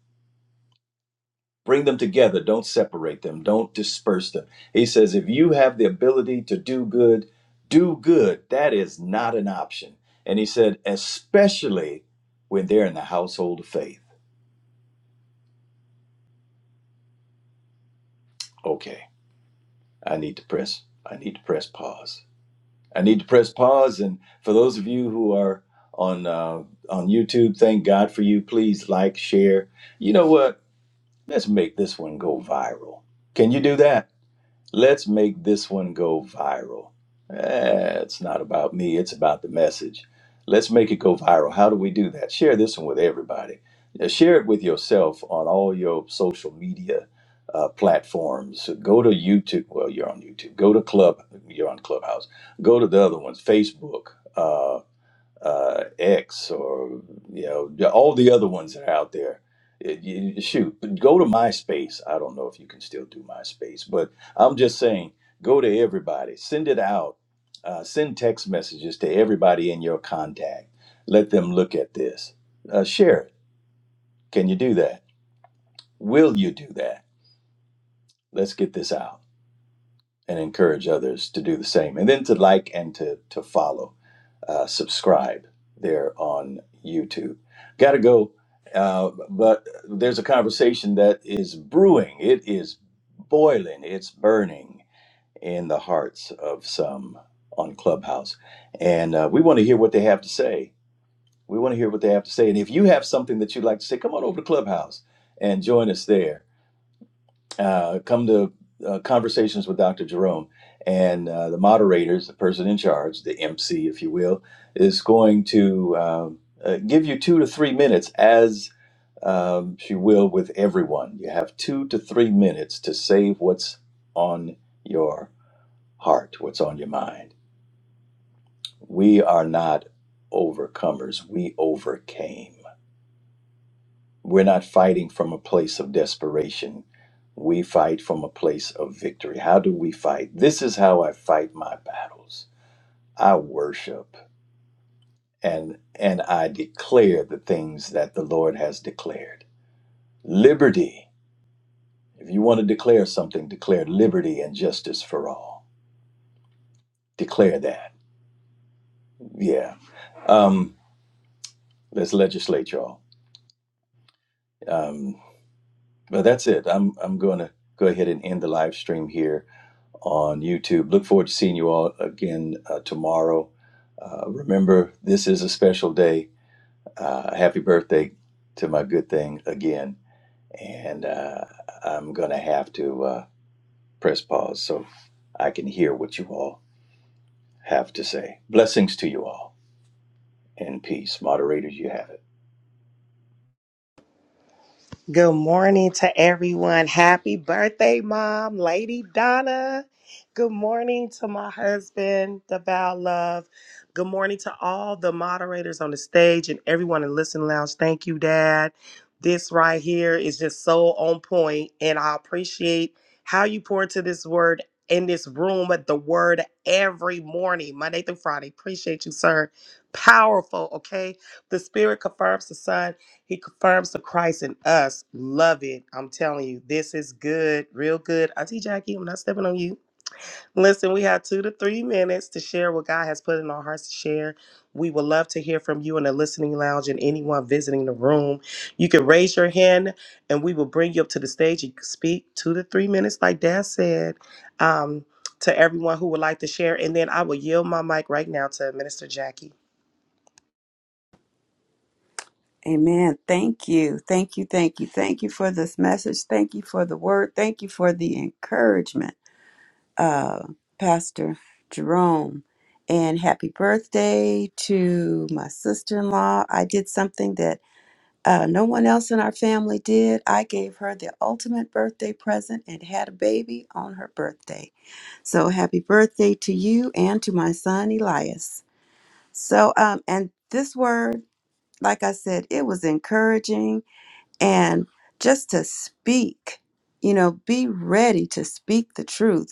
Bring them together. Don't separate them. Don't disperse them. He says, if you have the ability to do good, do good. That is not an option. And he said, especially when they're in the household of faith. Okay. I need to press. I need to press pause. I need to press pause. And for those of you who are on uh, on YouTube, thank God for you. Please like, share. You know what? Let's make this one go viral. Can you do that? Let's make this one go viral. Eh, it's not about me, it's about the message. Let's make it go viral. How do we do that? Share this one with everybody. Uh, Share it with yourself on all your social media uh, platforms. Go to YouTube. Well, you're on YouTube. Go to Club. You're on Clubhouse. Go to the other ones Facebook. uh, uh, X or you know all the other ones that are out there. It- you- shoot, go to MySpace. I don't know if you can still do MySpace, but I'm just saying, go to everybody. Send it out. Uh, send text messages to everybody in your contact. Let them look at this. Uh, share it. Can you do that? Will you do that? Let's get this out and encourage others to do the same, and then to like and to to follow. uh, subscribe there on YouTube. Got to go, uh, but there's a conversation that is brewing. It is boiling. It's burning in the hearts of some on Clubhouse, and uh, we want to hear what they have to say. We want to hear what they have to say. And if you have something that you'd like to say, come on over to Clubhouse and join us there uh, come to uh, conversations with Dr. Jerome, and uh, the moderators, the person in charge, the MC, if you will, is going to um, uh, give you two to three minutes, as um, she will with everyone. You have two to three minutes to say what's on your heart, what's on your mind. We are not overcomers; we overcame. We're not fighting from a place of desperation. We fight from a place of victory. How do we fight? This is how I fight my battles. I worship and and I declare the things that the Lord has declared. Liberty. If you want to declare something, declare liberty and justice for all. Declare that. Yeah. Um, let's legislate, y'all. Um, but that's it. I'm I'm going to go ahead and end the live stream here. on YouTube. Look forward to seeing you all again uh, tomorrow. Uh, remember, this is a special day. Uh, happy birthday to my good thing again. And uh, I'm going to have to uh, press pause so I can hear what you all have to say. Blessings to you all and peace. Moderators, you have it.
Good morning to everyone. Happy birthday, Mom, Lady Donna. Good morning to my husband, the Val Love. Good morning to all the moderators on the stage and everyone in Listen Lounge. Thank you, Dad. This right here is just so on point, and I appreciate how you pour into this word in this room at the word every morning, Monday through Friday. Appreciate you, sir. Powerful, okay? The Spirit confirms the Son. He confirms the Christ in us. Love it. I'm telling you, this is good, real good. Auntie Jackie, I'm not stepping on you. Listen, we have two to three minutes to share what God has put in our hearts to share. We would love to hear from you in the listening lounge and anyone visiting the room. You can raise your hand and we will bring you up to the stage. You can speak two to three minutes, like Dad said, um, to everyone who would like to share. And then I will yield my mic right now to Minister Jackie.
Amen. Thank you. Thank you. Thank you. Thank you for this message. Thank you for the word. Thank you for the encouragement, uh, Pastor Jerome. And happy birthday to my sister in law. I did something that uh, no one else in our family did. I gave her the ultimate birthday present and had a baby on her birthday. So happy birthday to you and to my son Elias. So, um, and this word. like I said, it was encouraging and just to speak, you know, be ready to speak the truth.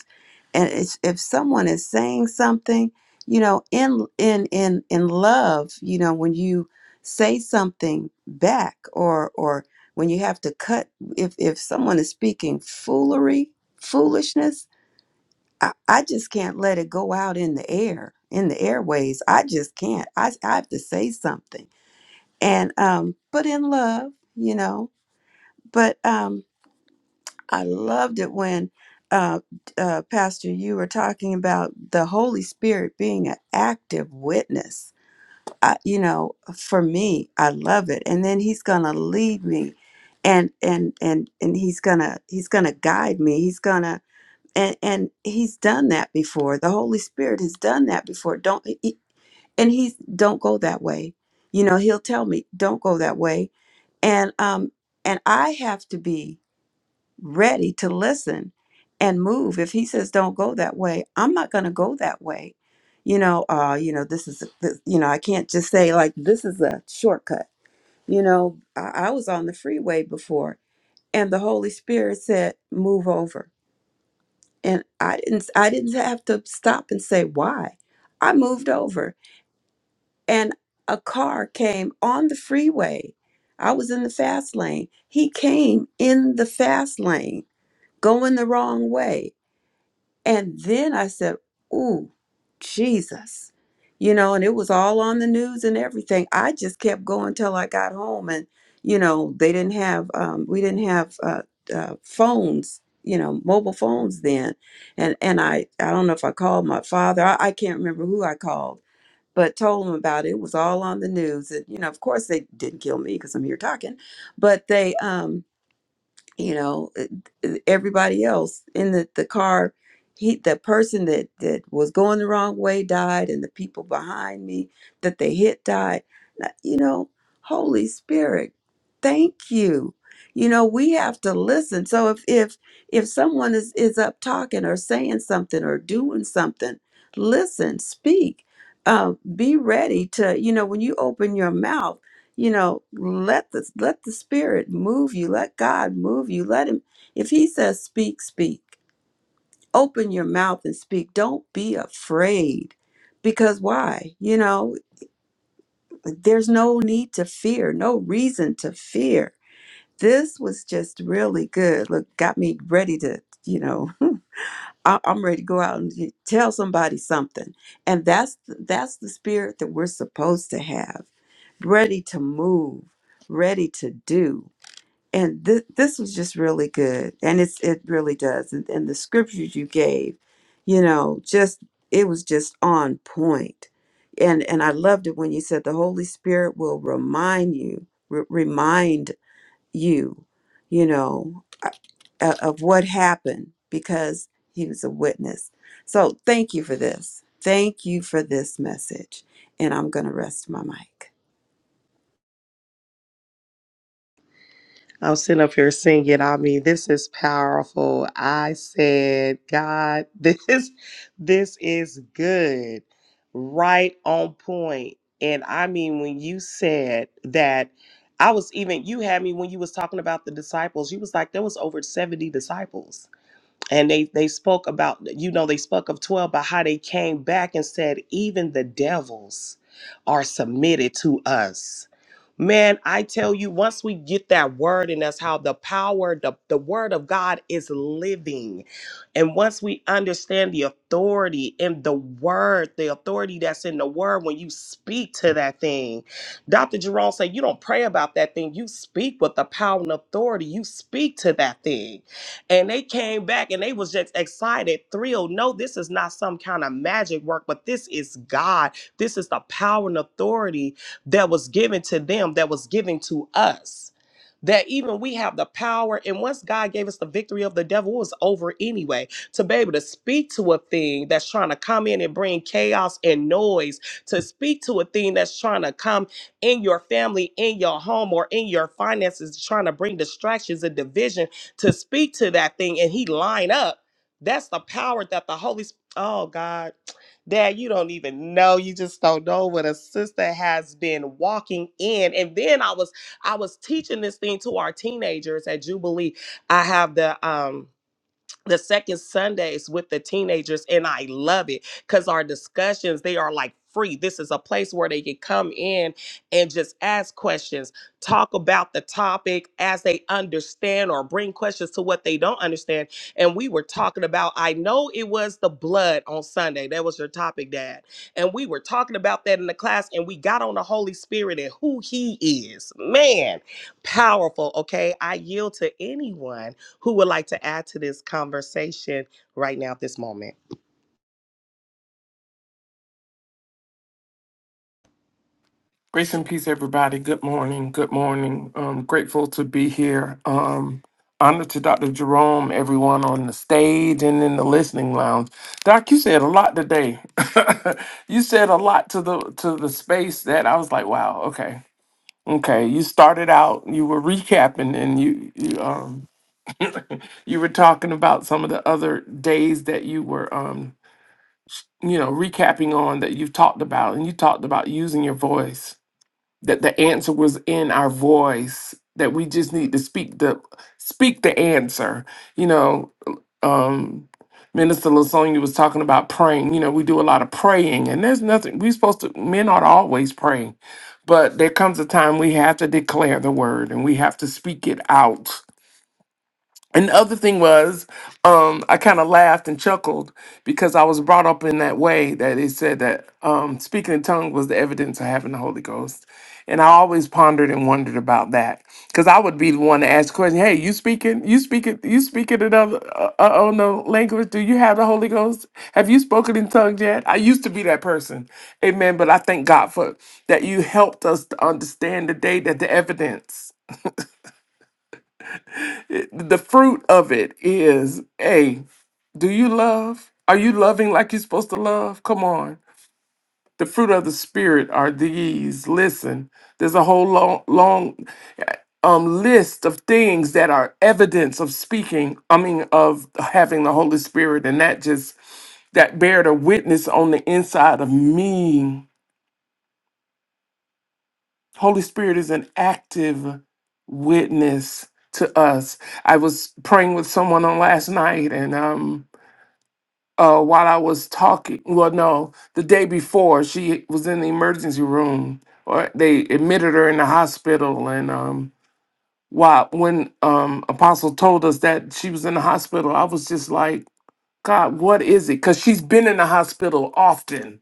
And it's, if someone is saying something, you know, in in in in love, you know, when you say something back or or when you have to cut if if someone is speaking foolery, foolishness, I, I just can't let it go out in the air, in the airways. I just can't. I I have to say something and um but in love you know but um i loved it when uh, uh pastor you were talking about the holy spirit being an active witness I, you know for me i love it and then he's gonna lead me and and and and he's gonna he's gonna guide me he's gonna and and he's done that before the holy spirit has done that before don't he- and he's don't go that way you know he'll tell me don't go that way and um and i have to be ready to listen and move if he says don't go that way i'm not going to go that way you know uh you know this is this, you know i can't just say like this is a shortcut you know I, I was on the freeway before and the holy spirit said move over and i didn't i didn't have to stop and say why i moved over and a car came on the freeway. I was in the fast lane. He came in the fast lane, going the wrong way. And then I said, Ooh, Jesus. You know, and it was all on the news and everything. I just kept going till I got home. And, you know, they didn't have, um, we didn't have uh, uh, phones, you know, mobile phones then. And, and I, I don't know if I called my father. I, I can't remember who I called but told them about it. It was all on the news. And, you know, of course they didn't kill me because I'm here talking, but they, um, you know uh, uh, everybody else in the, the car he the person that that was going the wrong way died and the people behind me that they hit died Now, you know holy spirit thank you you know we have to listen so if if if someone is is up talking or saying something or doing something listen speak uh, be ready to you know when you open your mouth you know let the let the spirit move you let god move you let him if he says speak speak open your mouth and speak don't be afraid because why you know there's no need to fear no reason to fear this was just really good look got me ready to you know [LAUGHS] I- i'm ready to go out and tell somebody something and that's that's the spirit that we're supposed to have ready to move ready to do and th- this was just really good and it's it really does and, and the scriptures you gave you know just it was just on point point. and and i loved it when you said the holy spirit will remind you re- remind you you know uh, uh, of what happened because he was a witness so thank you for this thank you for this message and i'm going to rest my mic
I'm sitting up here singing. I mean, this is powerful. I said, God, [LAUGHS] this this is good. Right on point. And I mean, when you said that I was even you had me when you was talking about the disciples, you was like, there was over 70 disciples and they they spoke about you know they spoke of 12 but how they came back and said even the devils are submitted to us man i tell you once we get that word and that's how the power the, the word of god is living and once we understand the authority in the word the authority that's in the word when you speak to that thing dr jerome said you don't pray about that thing you speak with the power and authority you speak to that thing and they came back and they was just excited, thrilled. No, this is not some kind of magic work, but this is God. This is the power and authority that was given to them, that was given to us that even we have the power. And once God gave us the victory of the devil, it was over anyway. To be able to speak to a thing that's trying to come in and bring chaos and noise, to speak to a thing that's trying to come in your family, in your home, or in your finances, trying to bring distractions and division, to speak to that thing and he line up. That's the power that the Holy Spirit. Oh God, Dad, you don't even know. You just don't know what a sister has been walking in. And then I was I was teaching this thing to our teenagers at Jubilee. I have the um the second Sundays with the teenagers, and I love it because our discussions they are like free. This is a place where they can come in and just ask questions, talk about the topic as they understand, or bring questions to what they don't understand. And we were talking about, I know it was the blood on Sunday. That was your topic, Dad. And we were talking about that in the class, and we got on the Holy Spirit and who He is. Man, powerful. Okay, I yield to anyone who would like to add to this conversation right now at this moment?
Grace and peace, everybody. Good morning. Good morning. Um, grateful to be here. Um, honor to Dr. Jerome, everyone on the stage and in the listening lounge. Doc, you said a lot today. [LAUGHS] you said a lot to the to the space that I was like, wow, okay. Okay. You started out, you were recapping and you you um you were talking about some of the other days that you were um you know recapping on that you've talked about and you talked about using your voice that the answer was in our voice that we just need to speak the speak the answer you know um minister lasonia was talking about praying you know we do a lot of praying and there's nothing we're supposed to men ought to always pray but there comes a time we have to declare the word and we have to speak it out and the other thing was, um, I kind of laughed and chuckled because I was brought up in that way that it said that um, speaking in tongues was the evidence of having the Holy Ghost. And I always pondered and wondered about that because I would be the one to ask the question, "Hey, you speaking? You speaking? You speaking another uh, uh, oh no language? Do you have the Holy Ghost? Have you spoken in tongues yet?" I used to be that person, Amen. But I thank God for that you helped us to understand today that the evidence, the the fruit of it is a. Do you love? Are you loving like you're supposed to love? Come on. The fruit of the spirit are these. Listen, there's a whole long, long um, list of things that are evidence of speaking. I mean, of having the Holy Spirit, and that just that bear a witness on the inside of me. Holy Spirit is an active witness to us. I was praying with someone on last night, and um, uh, while I was talking. Well, no, the day before she was in the emergency room, or they admitted her in the hospital. And um, while when um, Apostle told us that she was in the hospital, I was just like, God, what is it? Because she's been in the hospital often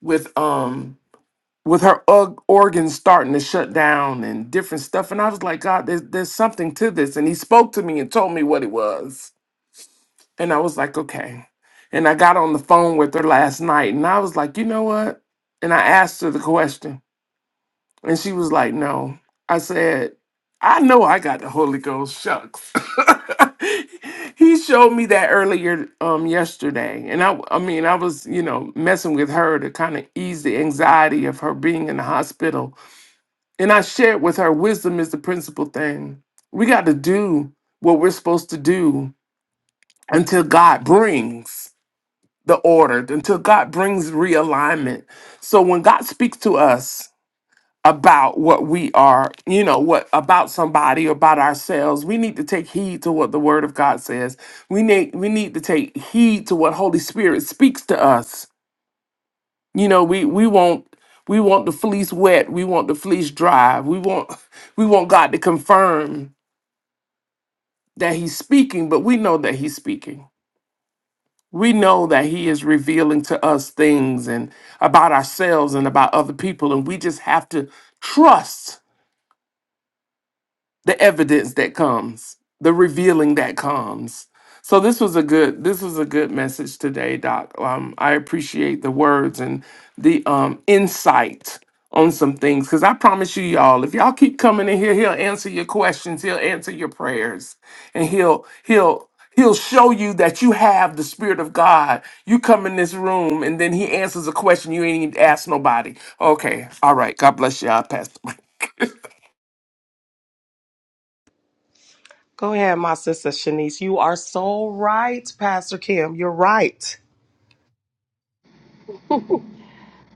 with um with her ug- organs starting to shut down and different stuff. And I was like, God, there's, there's something to this. And he spoke to me and told me what it was. And I was like, okay. And I got on the phone with her last night and I was like, you know what? And I asked her the question and she was like, no. I said, I know I got the Holy Ghost. Shucks. [LAUGHS] he showed me that earlier um yesterday. And I I mean, I was, you know, messing with her to kind of ease the anxiety of her being in the hospital. And I shared with her wisdom is the principal thing. We got to do what we're supposed to do until God brings the order until God brings realignment. So when God speaks to us about what we are, you know, what about somebody or about ourselves, we need to take heed to what the word of God says. We need we need to take heed to what Holy Spirit speaks to us. You know, we we won't we want the fleece wet, we want the fleece dry. We want [LAUGHS] we want God to confirm that he's speaking, but we know that he's speaking we know that he is revealing to us things and about ourselves and about other people and we just have to trust the evidence that comes, the revealing that comes. So this was a good this was a good message today, Doc. Um, I appreciate the words and the um, insight on some things because I promise you, y'all, if y'all keep coming in here, he'll answer your questions, he'll answer your prayers, and he'll he'll he'll show you that you have the spirit of God. You come in this room and then he answers a question you ain't even asked nobody. Okay, all right. God bless you. I pass.
Go ahead, my sister Shanice. You are so right, Pastor Kim. You're right.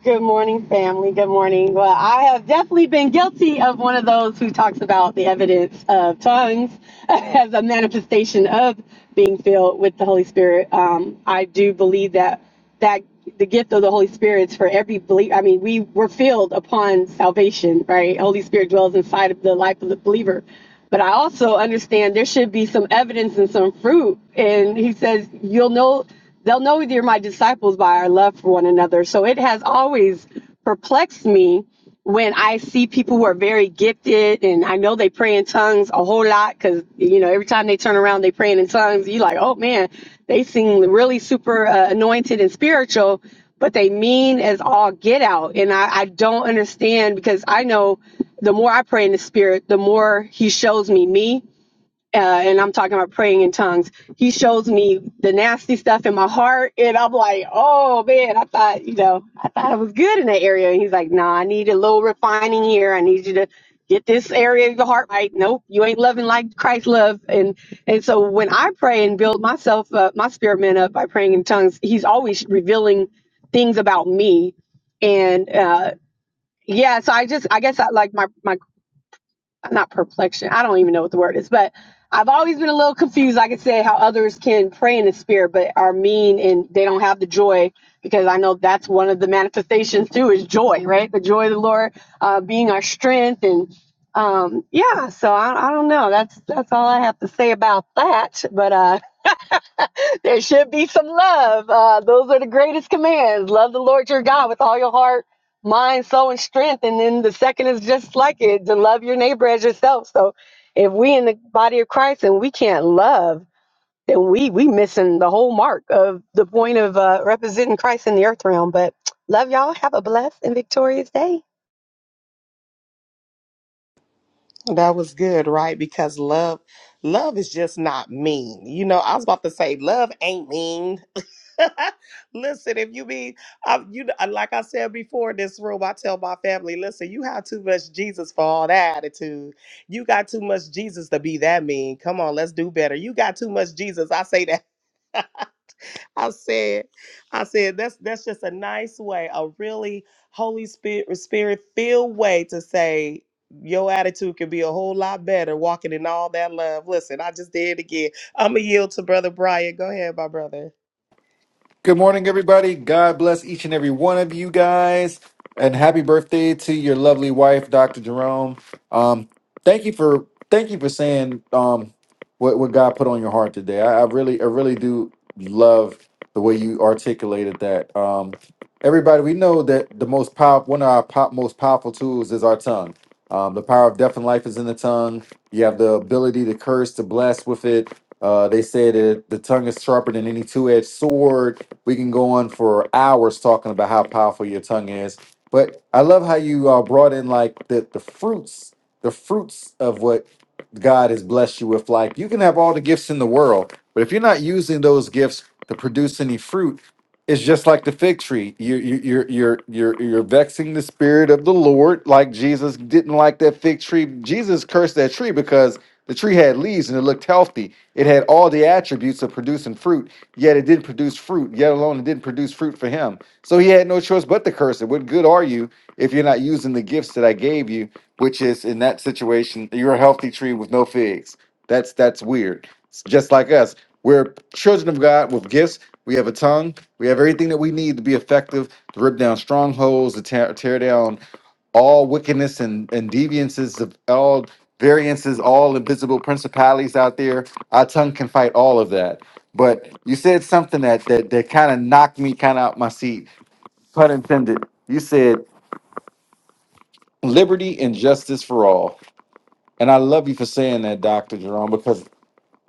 Good morning, family. Good morning. Well, I have definitely been guilty of one of those who talks about the evidence of tongues [LAUGHS] as a manifestation of being filled with the Holy Spirit. Um, I do believe that that the gift of the Holy Spirit is for every believer. I mean, we were filled upon salvation, right? Holy Spirit dwells inside of the life of the believer. But I also understand there should be some evidence and some fruit. And he says, you'll know They'll know you're my disciples by our love for one another. So it has always perplexed me when I see people who are very gifted and I know they pray in tongues a whole lot because, you know, every time they turn around, they praying in tongues. You're like, oh man, they seem really super uh, anointed and spiritual, but they mean as all get out. And I, I don't understand because I know the more I pray in the spirit, the more he shows me me uh, and I'm talking about praying in tongues. He shows me the nasty stuff in my heart, and I'm like, oh man, I thought, you know, I thought I was good in that area. And he's like, no, nah, I need a little refining here. I need you to get this area of your heart right. Nope, you ain't loving like Christ loved. And and so when I pray and build myself up, my spirit man up by praying in tongues, he's always revealing things about me. And uh, yeah, so I just, I guess, I, like my my not perplexion. I don't even know what the word is, but I've always been a little confused. Like I said, how others can pray in the spirit, but are mean and they don't have the joy because I know that's one of the manifestations too is joy, right? The joy of the Lord uh, being our strength and um yeah so I, I don't know that's that's all i have to say about that but uh there should be some love. Uh, those are the greatest commands. Love the Lord your God with all your heart, mind, soul, and strength. And then the second is just like it to love your neighbor as yourself. So if we in the body of Christ and we can't love, then we we missing the whole mark of the point of uh, representing Christ in the earth realm. But love y'all. Have a blessed and victorious day.
That was good, right? Because love, love is just not mean. You know, I was about to say love ain't mean. [LAUGHS] listen, if you be, I, you know, like I said before in this room, I tell my family, listen, you have too much Jesus for all that attitude. You got too much Jesus to be that mean. Come on, let's do better. You got too much Jesus. I say that. [LAUGHS] I said, I said that's that's just a nice way, a really Holy Spirit Spirit filled way to say your attitude can be a whole lot better walking in all that love. Listen, I just did it again. I'm gonna yield to Brother Brian. Go ahead, my brother.
Good morning, everybody. God bless each and every one of you guys. And happy birthday to your lovely wife, Dr. Jerome. Um, thank you for thank you for saying um what, what God put on your heart today. I, I really I really do love the way you articulated that. Um everybody, we know that the most powerful one of our pop, most powerful tools is our tongue. Um, the power of death and life is in the tongue. You have the ability to curse, to bless with it. Uh, they say that the tongue is sharper than any two-edged sword we can go on for hours talking about how powerful your tongue is. But I love how you uh, brought in like the, the fruits, the fruits of what God has blessed you with. Like you can have all the gifts in the world, but if you're not using those gifts to produce any fruit, it's just like the fig tree. You're you- you're you're you're you're vexing the spirit of the Lord, like Jesus didn't like that fig tree. Jesus cursed that tree because the tree had leaves and it looked healthy. It had all the attributes of producing fruit, yet it didn't produce fruit, yet alone it didn't produce fruit for him. So he had no choice but to curse it. What good are you if you're not using the gifts that I gave you, which is in that situation, you're a healthy tree with no figs. That's that's weird. It's just like us. We're children of God with gifts. We have a tongue. We have everything that we need to be effective, to rip down strongholds, to tear, tear down all wickedness and, and deviances of all variances, all invisible principalities out there. Our tongue can fight all of that. But you said something that that, that kind of knocked me kind of out my seat, pun intended. You said liberty and justice for all. And I love you for saying that, Dr. Jerome, because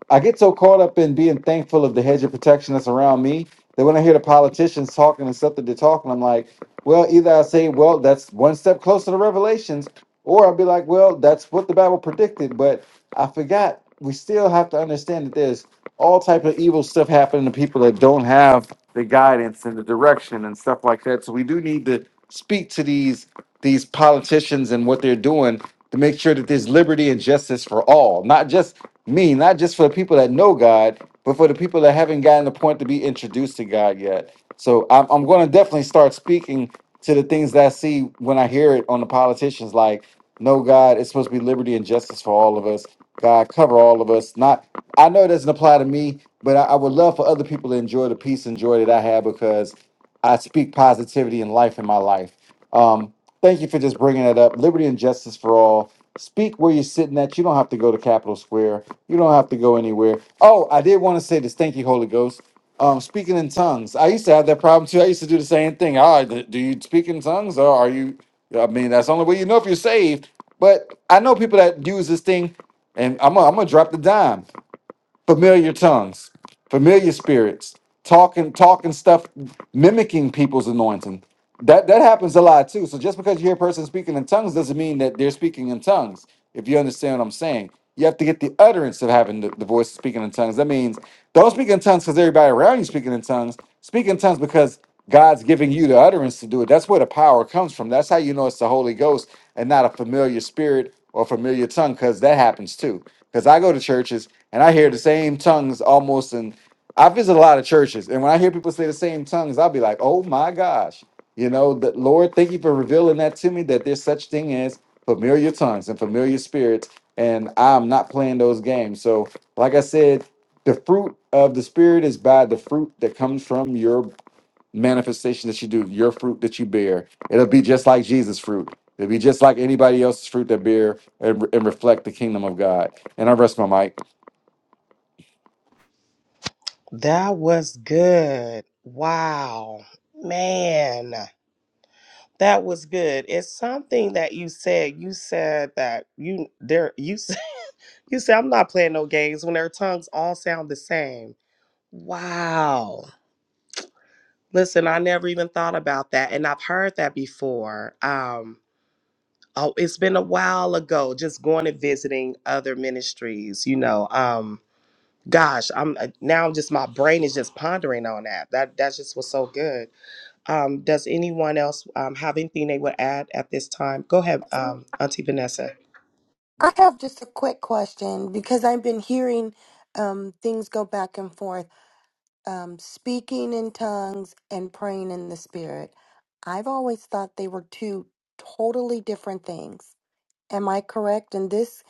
I get so caught up in being thankful of the hedge of protection that's around me that when I hear the politicians talking and stuff that they're talking, I'm like, well, either I say, well, that's one step closer to revelations, or I'll be like, well, that's what the Bible predicted. But I forgot we still have to understand that there's all type of evil stuff happening to people that don't have the guidance and the direction and stuff like that. So we do need to speak to these these politicians and what they're doing to make sure that there's liberty and justice for all, not just me, not just for the people that know God, but for the people that haven't gotten the point to be introduced to God yet. So I'm, I'm going to definitely start speaking to the things that I see when I hear it on the politicians like, no, God, it's supposed to be liberty and justice for all of us. God, cover all of us. Not, I know it doesn't apply to me, but I, I would love for other people to enjoy the peace and joy that I have because I speak positivity and life in my life. Um, thank you for just bringing that up. Liberty and justice for all. Speak where you're sitting at. You don't have to go to Capitol Square. You don't have to go anywhere. Oh, I did want to say this. Thank you, Holy Ghost. Um, speaking in tongues. I used to have that problem too. I used to do the same thing. Ah, d- do you speak in tongues or are you? I mean, that's the only way you know if you're saved. But I know people that use this thing, and I'm gonna, I'm gonna drop the dime. Familiar tongues, familiar spirits, talking, talking stuff, mimicking people's anointing. That that happens a lot too. So just because you hear a person speaking in tongues doesn't mean that they're speaking in tongues. If you understand what I'm saying, you have to get the utterance of having the, the voice speaking in tongues. That means don't speak in tongues because everybody around you speaking in tongues. Speak in tongues because God's giving you the utterance to do it. That's where the power comes from. That's how you know it's the Holy Ghost and not a familiar spirit or familiar tongue, because that happens too. Because I go to churches and I hear the same tongues almost, and I visit a lot of churches. And when I hear people say the same tongues, I'll be like, oh my gosh you know, the Lord, thank you for revealing that to me that there's such thing as familiar tongues and familiar spirits, and I'm not playing those games. So, like I said, the fruit of the spirit is by the fruit that comes from your manifestation that you do, your fruit that you bear. It'll be just like Jesus' fruit. It'll be just like anybody else's fruit that bear and, and reflect the kingdom of God. And I rest my mic.
That was good. Wow, man, that was good. It's something that you said. You said that you there. You said [LAUGHS] you said I'm not playing no games when their tongues all sound the same. Wow. Listen, I never even thought about that. And I've heard that before. Um, oh, it's been a while ago, just going and visiting other ministries, you know. Um, gosh, I'm uh, now just my brain is just pondering on that. That that just was so good. Um, does anyone else um, have anything they would add at this time? Go ahead, um,
I
Auntie Vanessa.
have just a quick question because I've been hearing um, things go back and forth, um, speaking in tongues and praying in the spirit. I've always thought they were two totally different things. Am I correct? And this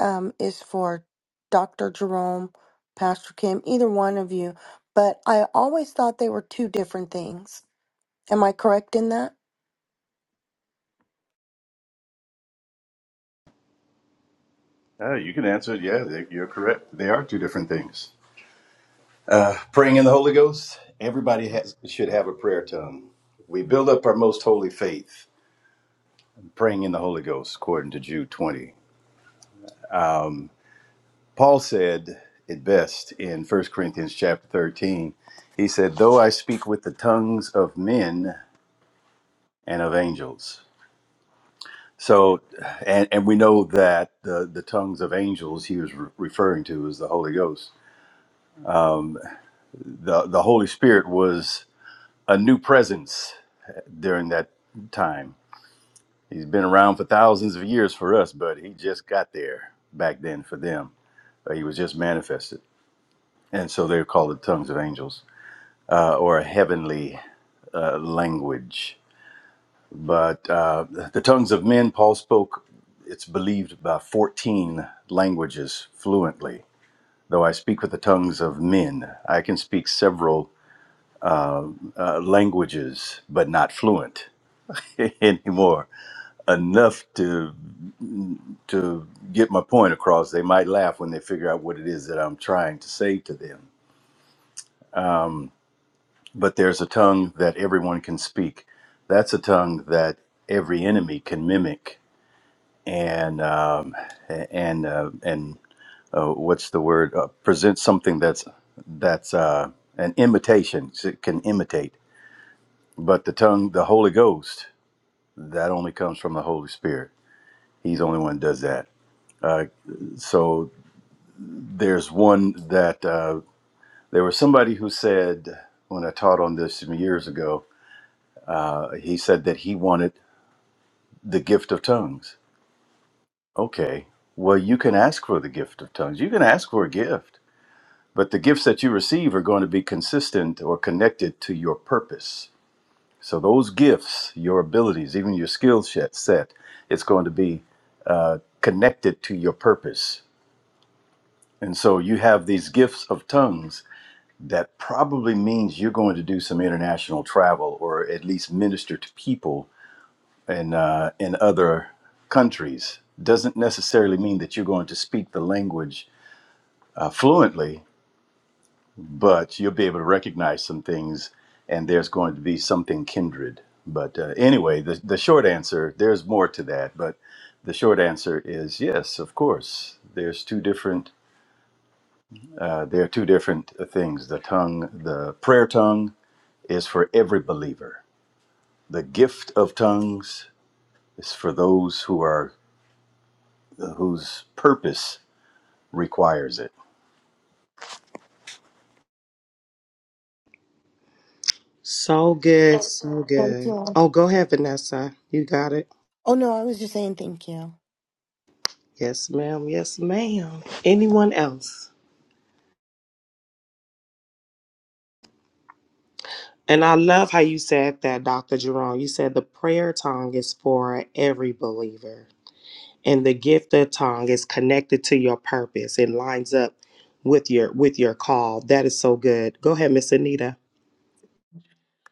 um, is for Dr. Jerome, Pastor Kim, either one of you. But I always thought they were two different things. Am I correct in that?
Uh, you can answer it. Yeah, they, you're correct. They are two different things. Uh, praying in the Holy Ghost. Everybody has, should have a prayer tongue. We build up our most holy faith. praying in the Holy Ghost, according to Jude 20. Paul said it best in First Corinthians chapter 13. He said, Though I speak with the tongues of men and of angels. So, and, and we know that the, the tongues of angels he was re- referring to is the Holy Ghost. The, the Holy Spirit was a new presence during that time. He's been around for thousands of years for us, but he just got there back then for them. Uh, he was just manifested. and so they're called the tongues of angels uh, or a heavenly uh, language. But uh, the tongues of men, Paul spoke, it's believed, by 14 languages fluently. Though I speak with the tongues of men, I can speak several uh, languages, but not fluent [LAUGHS] anymore. Enough to to get my point across. They might laugh when they figure out what it is that I'm trying to say to them But there's a tongue that everyone can speak. That's a tongue that every enemy can mimic and um, a- and uh, and uh, what's the word? Uh, present something that's that's uh, an imitation. so It can imitate. But the tongue, the Holy Ghost, that only comes from the Holy Spirit. He's the only one that does that. Uh, so there's one that uh, there was somebody who said when I taught on this some years ago, uh, he said that he wanted the gift of tongues Okay. Well, you can ask for the gift of tongues. You can ask for a gift, but the gifts that you receive are going to be consistent or connected to your purpose. So those gifts, your abilities, even your skill set, set it's going to be uh, connected to your purpose. And so you have these gifts of tongues that probably means you're going to do some international travel or at least minister to people in, uh, in other countries. Doesn't necessarily mean that you're going to speak the language fluently, but you'll be able to recognize some things, and there's going to be something kindred. But uh, anyway, the, the short answer, there's more to that, but the short answer is yes, of course. There's two different, uh, there are two different uh, things. The tongue, the prayer tongue is for every believer. The gift of tongues is for those who are, uh, whose purpose requires it.
So good, so
Thank
good.
you.
Oh, go ahead, Vanessa. You got it.
Oh, no, I was just saying thank you.
Yes, ma'am. Yes, ma'am. Anyone else? And I love how you said that, Dr. Jerome. You said the prayer tongue is for every believer, and the gift of tongue is connected to your purpose. It lines up with your with your call. That is so good. Go ahead, Miss Anita.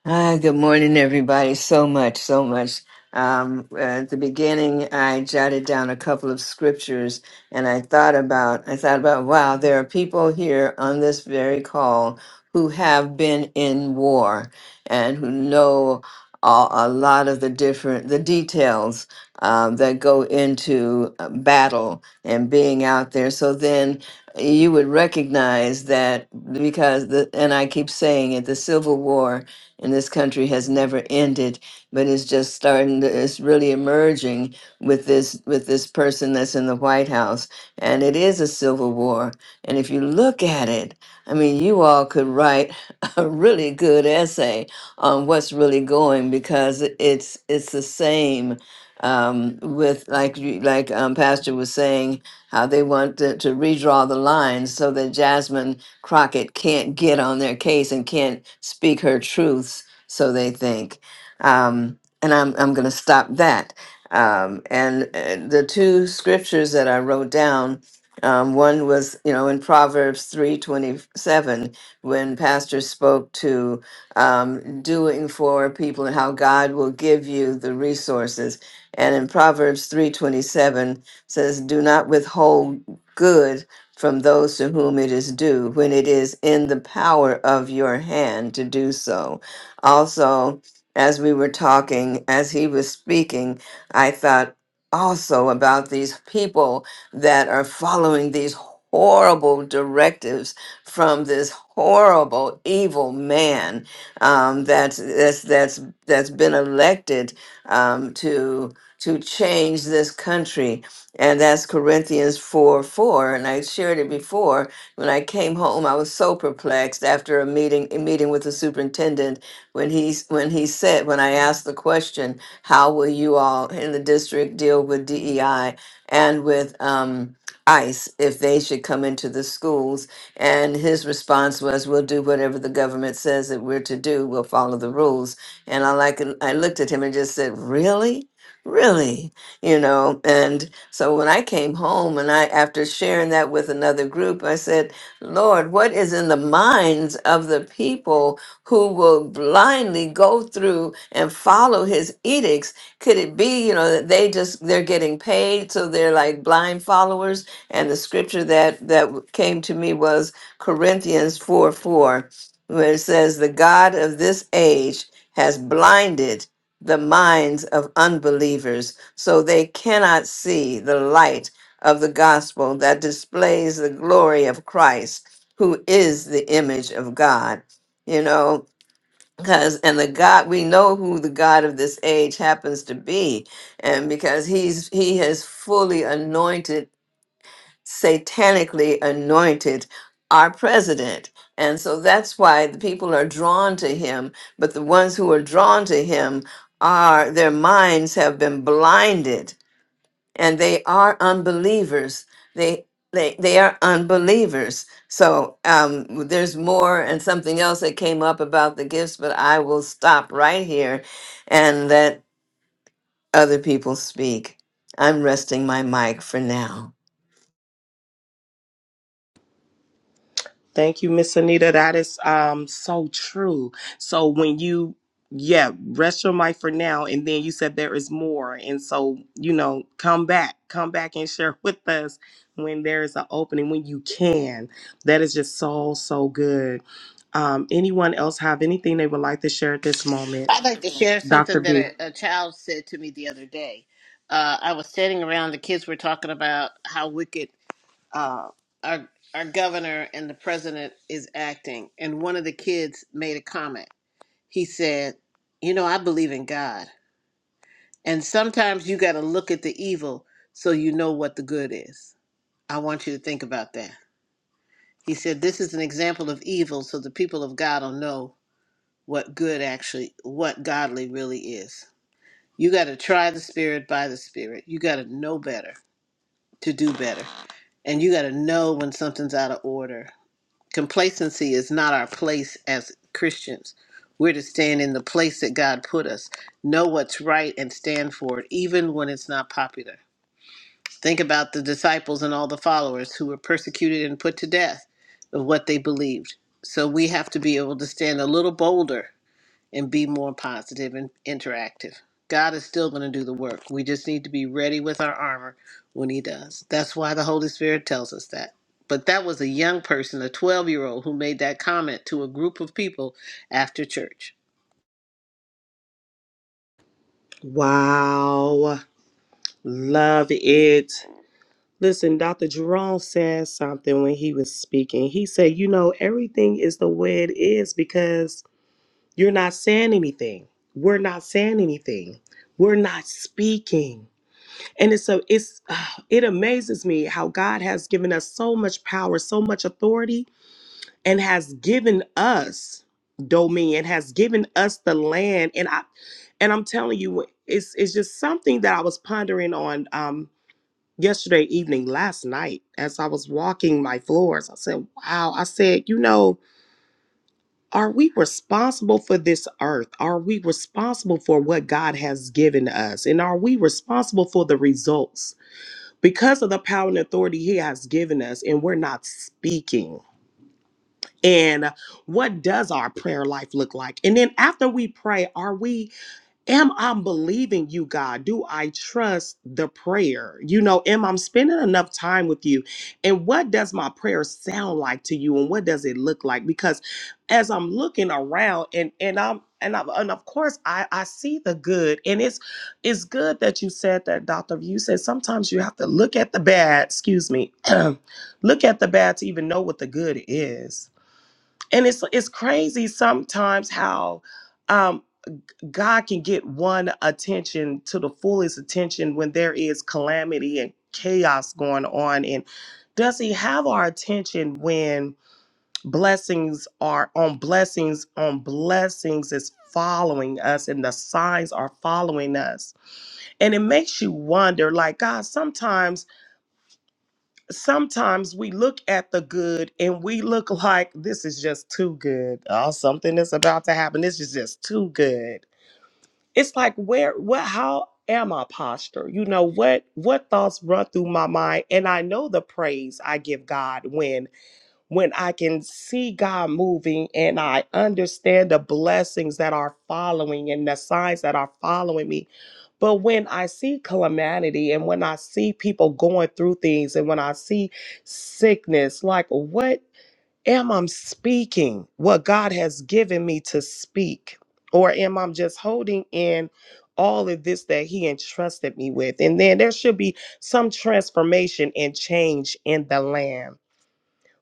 Hi, good morning, everybody. So much, so much. Um, at the beginning, I jotted down a couple of scriptures, and I thought about, I thought about, wow, there are people here on this very call who have been in war and who know a, a lot of the different, the details um, that go into uh, battle and being out there. So then you would recognize that because the, and I keep saying it, the Civil War in this country has never ended, but it's just starting. To, it's really emerging with this with this person that's in the White House, and it is a civil war. And if you look at it, I mean, you all could write [LAUGHS] a really good essay on what's really going because it's it's the same um, with like you, like um, Pastor was saying how they want to, to redraw the lines so that Jasmine Crockett can't get on their case and can't speak her truths, so they think. Um, and I'm, I'm going to stop that. Um, and uh, the two scriptures that I wrote down, um, one was, you know, in Proverbs 3:27, when pastor spoke to um, doing for people and how God will give you the resources. And in Proverbs 3:27 says, "Do not withhold good from those to whom it is due when it is in the power of your hand to do so. Also, as we were talking, as he was speaking, I thought also about these people that are following these horrible directives from this horrible evil man um, that's, that's that's that's been elected um, to to change this country and that's Corinthians 4 4. And I shared it before. When I came home, I was so perplexed after a meeting a meeting with the superintendent when he when he said when I asked the question, how will you all in the district deal with DEI and with um, ICE if they should come into the schools? And his response was, we'll do whatever the government says that we're to do. We'll follow the rules. And I like I looked at him and just said, really, really, you know, and so when I came home and I, after sharing that with another group, I said, Lord, what is in the minds of the people who will blindly go through and follow his edicts? Could it be, you know, that they just, they're getting paid. So they're like blind followers. And the scripture that, that came to me was Corinthians 4 4, where it says, the God of this age has blinded the minds of unbelievers so they cannot see the light of the gospel that displays the glory of Christ, who is the image of God. You know, because and the God we know who the God of this age happens to be, and because he's he has fully anointed, satanically anointed our president. And so that's why the people are drawn to him, but the ones who are drawn to him are their minds have been blinded and they are unbelievers. They they they are unbelievers. So um, there's more and something else that came up about the gifts, but I will stop right here and let other people speak. I'm resting my mic for now.
Thank you, Miss Anita. That is um so true. So when you yeah, rest your mic for now and then you said there is more. And so, you know, come back, come back and [LAUGHS] share with us when there is an opening, when you can. That is just so, so good. Um, anyone else have anything they would like to share at this moment?
I'd like to share
Dr.
something that
B.
a, a child said to me the other day. Uh, I was sitting around, the kids were talking about how wicked uh, our, our governor and the president is acting. And one of the kids made a comment. He said, You know, I believe in God. And sometimes you got to look at the evil so you know what the good is. I want you to think about that. He said, This is an example of evil so the people of God will know what good actually, what godly really is. You got to try the spirit by the spirit. You got to know better to do better. And you got to know when something's out of order. Complacency is not our place as Christians. We're to stand in the place that God put us, know what's right, and stand for it, even when it's not popular. Think about the disciples and all the followers who were persecuted and put to death of what they believed. So we have to be able to stand a little bolder and be more positive and interactive. God is still going to do the work. We just need to be ready with our armor when He does. That's why the Holy Spirit tells us that. But that was a young person, a 12 year old, who made that comment to a group of people after church.
Wow. Love it. Listen, Dr. Jerome said something when he was speaking. He said, You know, everything is the way it is because you're not saying anything. We're not saying anything. We're not speaking. And it's a it's [SIGHS] ah, it amazes me how God has given us so much power, so much authority, and has given us dominion, has given us the land. And I and I'm telling you, it's it's just something that I was pondering on um, yesterday evening, last night, as I was walking my floors, I said, Wow, I said, you know, are we responsible for this earth? Are we responsible for what God has given us? And are we responsible for the results? Because of the power and authority He has given us, and we're not speaking. And what does our prayer life look like? And then after we pray, are we am I believing you, God? Do I trust the prayer? You know, am I spending enough time with you? And what does my prayer sound like to you? And what does it look like? Because as I'm looking around and and I'm and, I'm, and of course I, I see the good and it's it's good that you said that doctor you said sometimes you have to look at the bad excuse me [CLEARS THROAT] look at the bad to even know what the good is and it's it's crazy sometimes how um, God can get one attention to the fullest attention when there is calamity and chaos going on. And does he have our attention when blessings are on blessings on blessings is following us and the signs are following us? And it makes you wonder like, God, sometimes, sometimes we look at the good and we look [LAUGHS] like this is just too good. Oh, something is about to happen. This is just too good it's like where what how am i posture you know what what thoughts run through my mind and i know the praise i give god when when i can see god moving and i understand the blessings that are following and the signs that are following me but when i see calamity and when i see people going through things and when i see sickness like what Am I speaking what God has given me to speak? Or am I just holding in all of this that He entrusted me with? And then there should be some transformation and change in the land.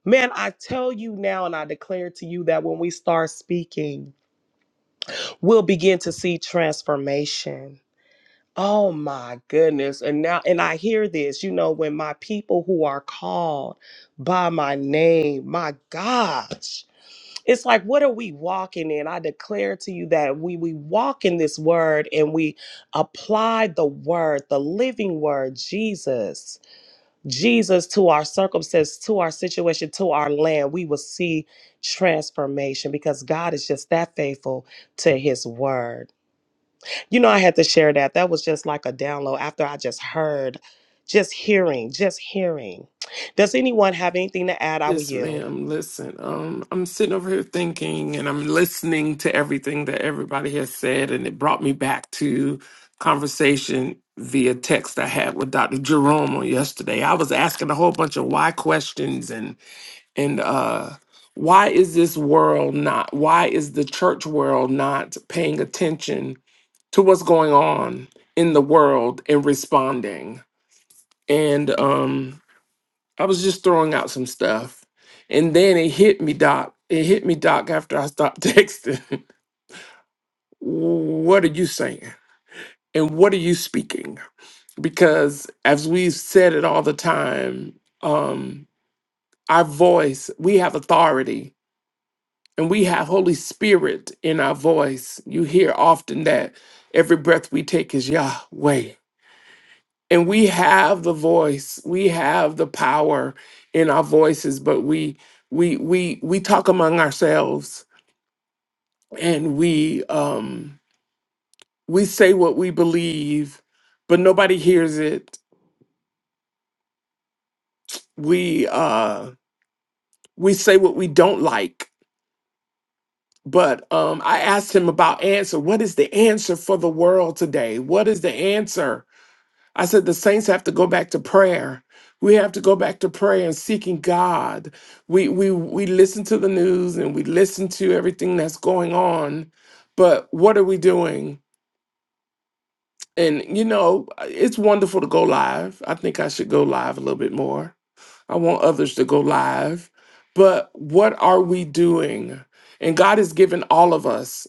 Man, I tell you now, and I declare to you that when we start speaking, we'll begin to see transformation. Oh my goodness. And now, and I hear this, you know, when my people who are called by my name, my God it's like what are we walking in i declare to you that we we walk in this word and we apply the word the living word jesus jesus to our circumstance to our situation to our land we will see transformation because god is just that faithful to his word you know i had to share that that was just like a download after i just heard just hearing just hearing does anyone have anything to add i will
Yes,
yield
ma'am. Listen, um, I'm sitting over here thinking and I'm listening to everything that everybody has said, and it brought me back to conversation via text I had with Dr. Jerome on yesterday. I was asking a whole bunch of why questions and and uh why is this world not why is the church world not paying attention to what's going on in the world and responding? And um I was just throwing out some stuff. And then it hit me, Doc. It hit me, Doc, after I stopped [LAUGHS] texting. what are you saying? And what are you speaking? Because as we've said it all the time, um, our voice, we have authority and we have Holy Spirit in our voice. You hear often that every breath we take is Yahweh. And we have the voice, we have the power in our voices, but we we we we talk among ourselves and we um we say what we believe, but nobody hears it. We uh we say what we don't like. But um I asked him about answer. What is the answer for the world today? What is the answer I said the saints have to go back to prayer. We have to go back to prayer and seeking God. We we we listen to the news and we listen to everything that's going on, but what are we doing? And you know, it's wonderful to go live. I think I should go live a little bit more. I want others to go live, but what are we doing? And God has given all of us.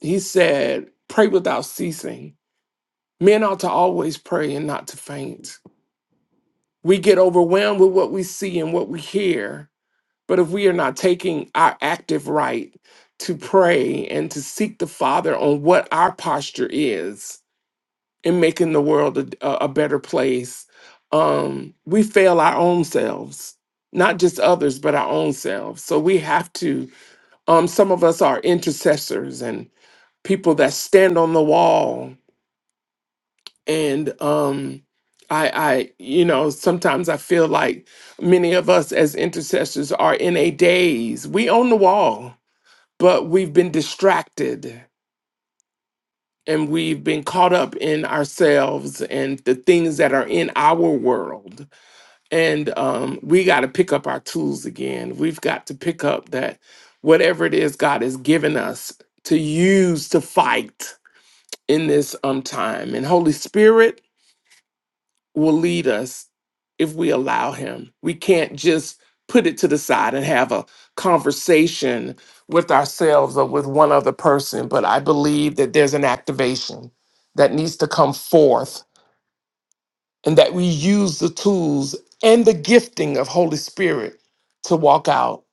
He said, "Pray without ceasing." Men ought to always pray and not to faint. We get overwhelmed with what we see and what we hear. But if we are not taking our active right to pray and to seek the Father on what our posture is in making the world a, a- a better place, um, we fail our own selves, not just others, but our own selves. So we have to, um, some of us are intercessors and people that stand on the wall and um I, I, you know, sometimes I feel like many of us as intercessors are in a daze. We on the wall, but we've been distracted and we've been caught up in ourselves and the things that are in our world. And um, we got to pick up our tools again. We've got to pick up that whatever it is God has given us to use to fight in this um time. And Holy Spirit, will lead us if we allow him. We can't just put it to the side and have a conversation with ourselves or with one other person, but I believe that there's an activation that needs to come forth and that we use the tools and the gifting of Holy Spirit to walk out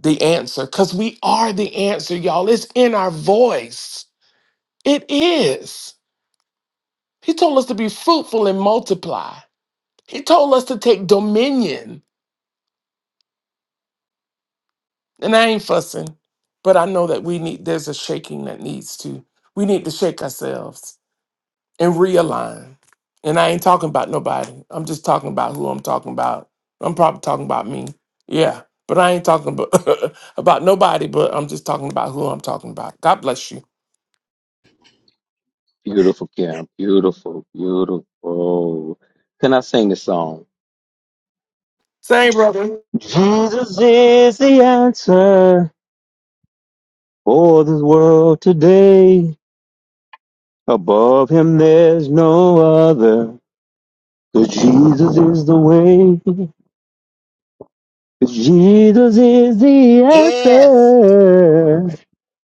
the answer cuz we are the answer, y'all. It's in our voice. It is. He told us to be fruitful and multiply. He told us to take dominion And I ain't fussing, but I know that we need there's a shaking that needs to. We need to shake ourselves and realign. And I ain't talking about nobody. I'm just talking about who I'm talking about. I'm probably talking about me. Yeah. But I ain't talking about, [LAUGHS] about nobody, but I'm just talking about who I'm talking about. God bless you.
Beautiful, Kim. Beautiful, beautiful. Can I sing the song?
Same brother.
Jesus is the answer for this world today. Above him there's no other. 'Cause Jesus is the way. 'Cause Jesus is the
Yes,
answer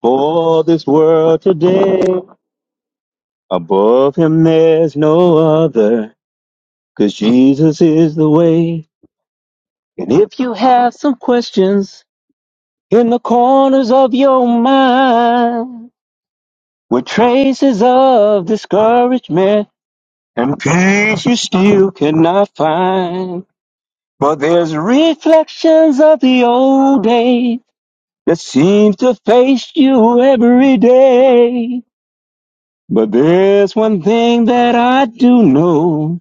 for this world today. Above him there's no other. 'Cause Jesus is the way. And if you have some questions, in the corners of your mind with traces of discouragement and peace you still cannot find. But there's reflections of the old days that seems to face you every day. But there's one thing that I do know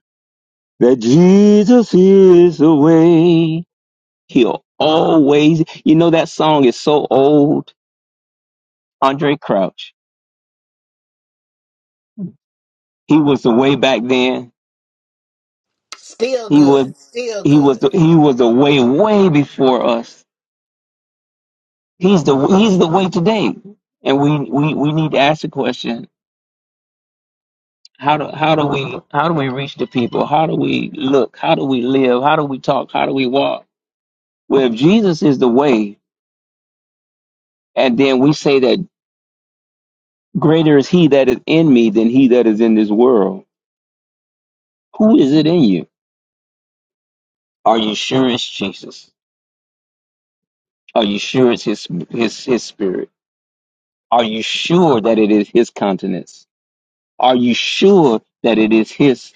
that Jesus is the way. He'll always, you know, that song is so old. Andre Crouch. He was the way back then.
still
He was
good, still
he was
good.
the, he was the way way before us. He's the he's the way today. And we, we, we need to ask the question, how do how do we how do we reach the people? How do we look? How do we live? How do we talk? How do we walk? Well, if Jesus is the way, and then we say that greater is he that is in me than he that is in this world. Who is it in you? Are you sure it's Jesus? Are you sure it's his his his spirit? Are you sure that it is his countenance? Are you sure that it is his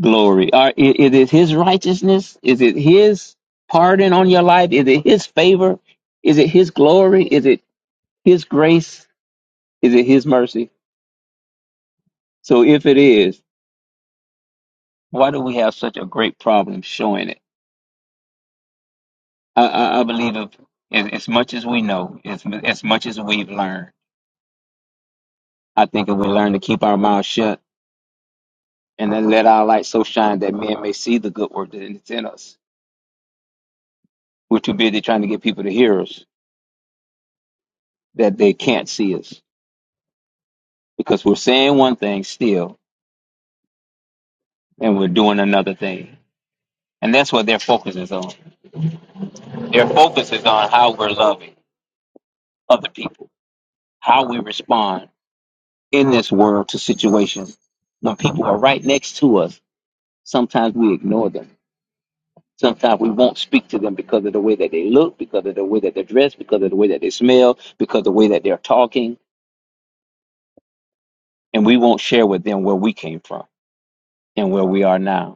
glory? Are, i- is it his righteousness? Is it his pardon on your life? Is it his favor? Is it his glory? Is it his grace? Is it his mercy? So if it is, why do we have such a great problem showing it? I, I, I believe if, as, as much as we know, as, as much as we've learned, I think if we learn to keep our mouths shut and then let our light so shine that men may see the good work that is in us We're too busy trying to get people to hear us that they can't see us because we're saying one thing still and we're doing another thing. And that's what their focus is on. Their focus is on how we're loving other people, how we respond in this world to situations when people are right next to us. Sometimes we ignore them. Sometimes we won't speak to them because of the way that they look, because of the way that they're dressed, because of the way that they smell, because of the way that they're talking. And we won't share with them where we came from and where we are now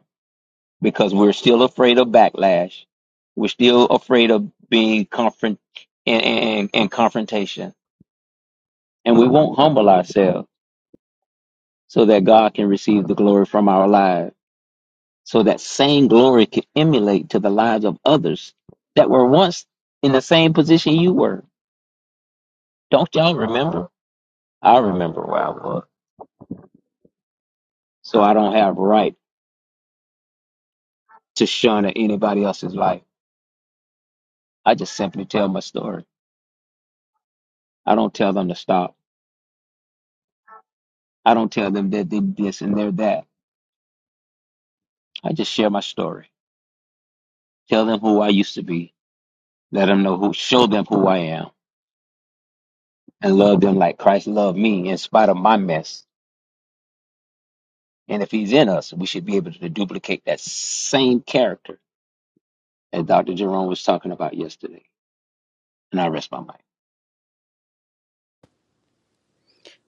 because we're still afraid of backlash. We're still afraid of being confront and, and, and confrontation. And we won't humble ourselves so that God can receive the glory from our lives. So that same glory can emulate to the lives of others that were once in the same position you were. Don't y'all remember? I remember where I was. So I don't have right to shun at anybody else's life. I just simply tell my story. I don't tell them to stop. I don't tell them that they this and they're that. I just share my story. Tell them who I used to be. Let them know who, show them who I am and love them like Christ loved me in spite of my mess. And if he's in us, we should be able to duplicate that same character that Dr. Jerome was talking about yesterday. And I rest my mind.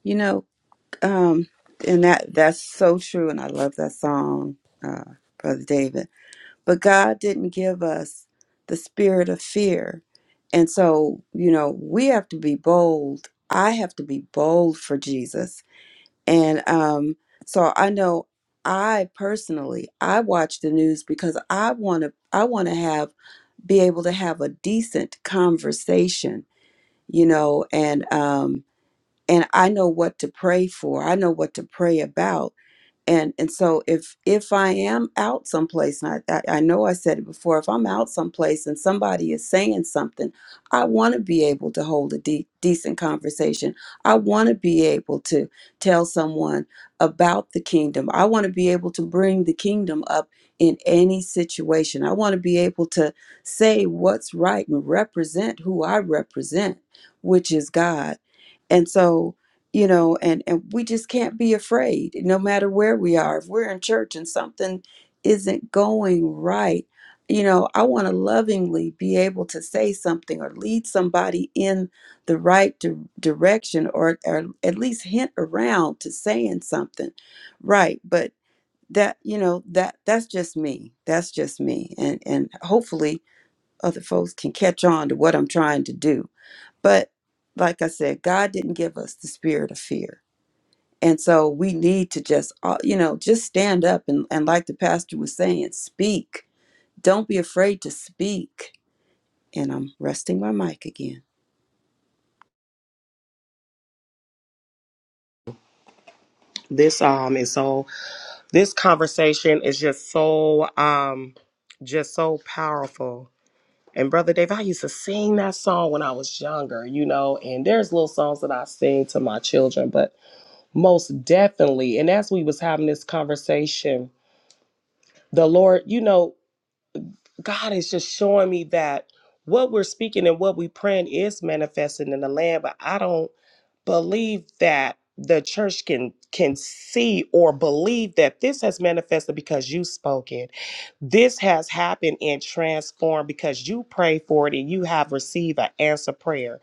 You know. Um, and that that's so true, and I love that song, uh, Brother David. But God didn't give us the spirit of fear, and so you know we have to be bold. I have to be bold for Jesus, and um, so I know I personally I watch the news because I want to I want to have be able to have a decent conversation, you know, and um, and I know what to pray for. I know what to pray about and and so if if i am out someplace and i i, I know i said it before if i'm out someplace and somebody is saying something i want to be able to hold a de- decent conversation i want to be able to tell someone about the kingdom i want to be able to bring the kingdom up in any situation i want to be able to say what's right and represent who i represent which is god and so you know and and we just can't be afraid no matter where we are if we're in church and something isn't going right you know i want to lovingly be able to say something or lead somebody in the right di- direction or or at least hint around to saying something right but that you know that that's just me that's just me and and hopefully other folks can catch on to what i'm trying to do but like i said god didn't give us the spirit of fear and so we need to just, uh, you know, just stand up and, and like the pastor was saying, speak. Don't be afraid to speak. And I'm resting my mic again.
this um is so This conversation is just so um just so powerful. And brother Dave, I used to sing that song when I was younger, you know, and there's little songs that I sing to my children, but most definitely, and as we was having this conversation, the Lord, you know, God is just showing me that what we're speaking and what we praying is manifesting in the land, but I don't believe that the church can can see or believe that this has manifested because you spoke it This has happened and transformed because you pray for it and you have received an answer prayer.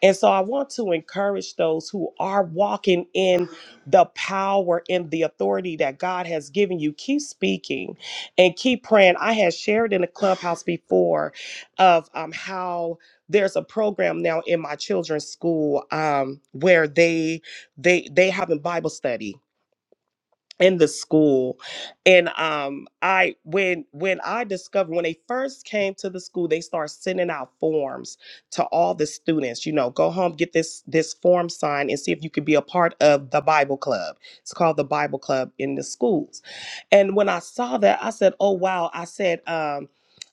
And so I want to encourage those who are walking in the power and the authority that God has given you. Keep speaking and keep praying. I had shared in the clubhouse before of um, how there's a program now in my children's school um, where they they they having Bible study in the school and um i when when i discovered when they first came to the school they start sending out forms to all the students you know go home get this this form signed and see if you could be a part of the bible club it's called the bible club in the schools and when i saw that i said oh wow i said um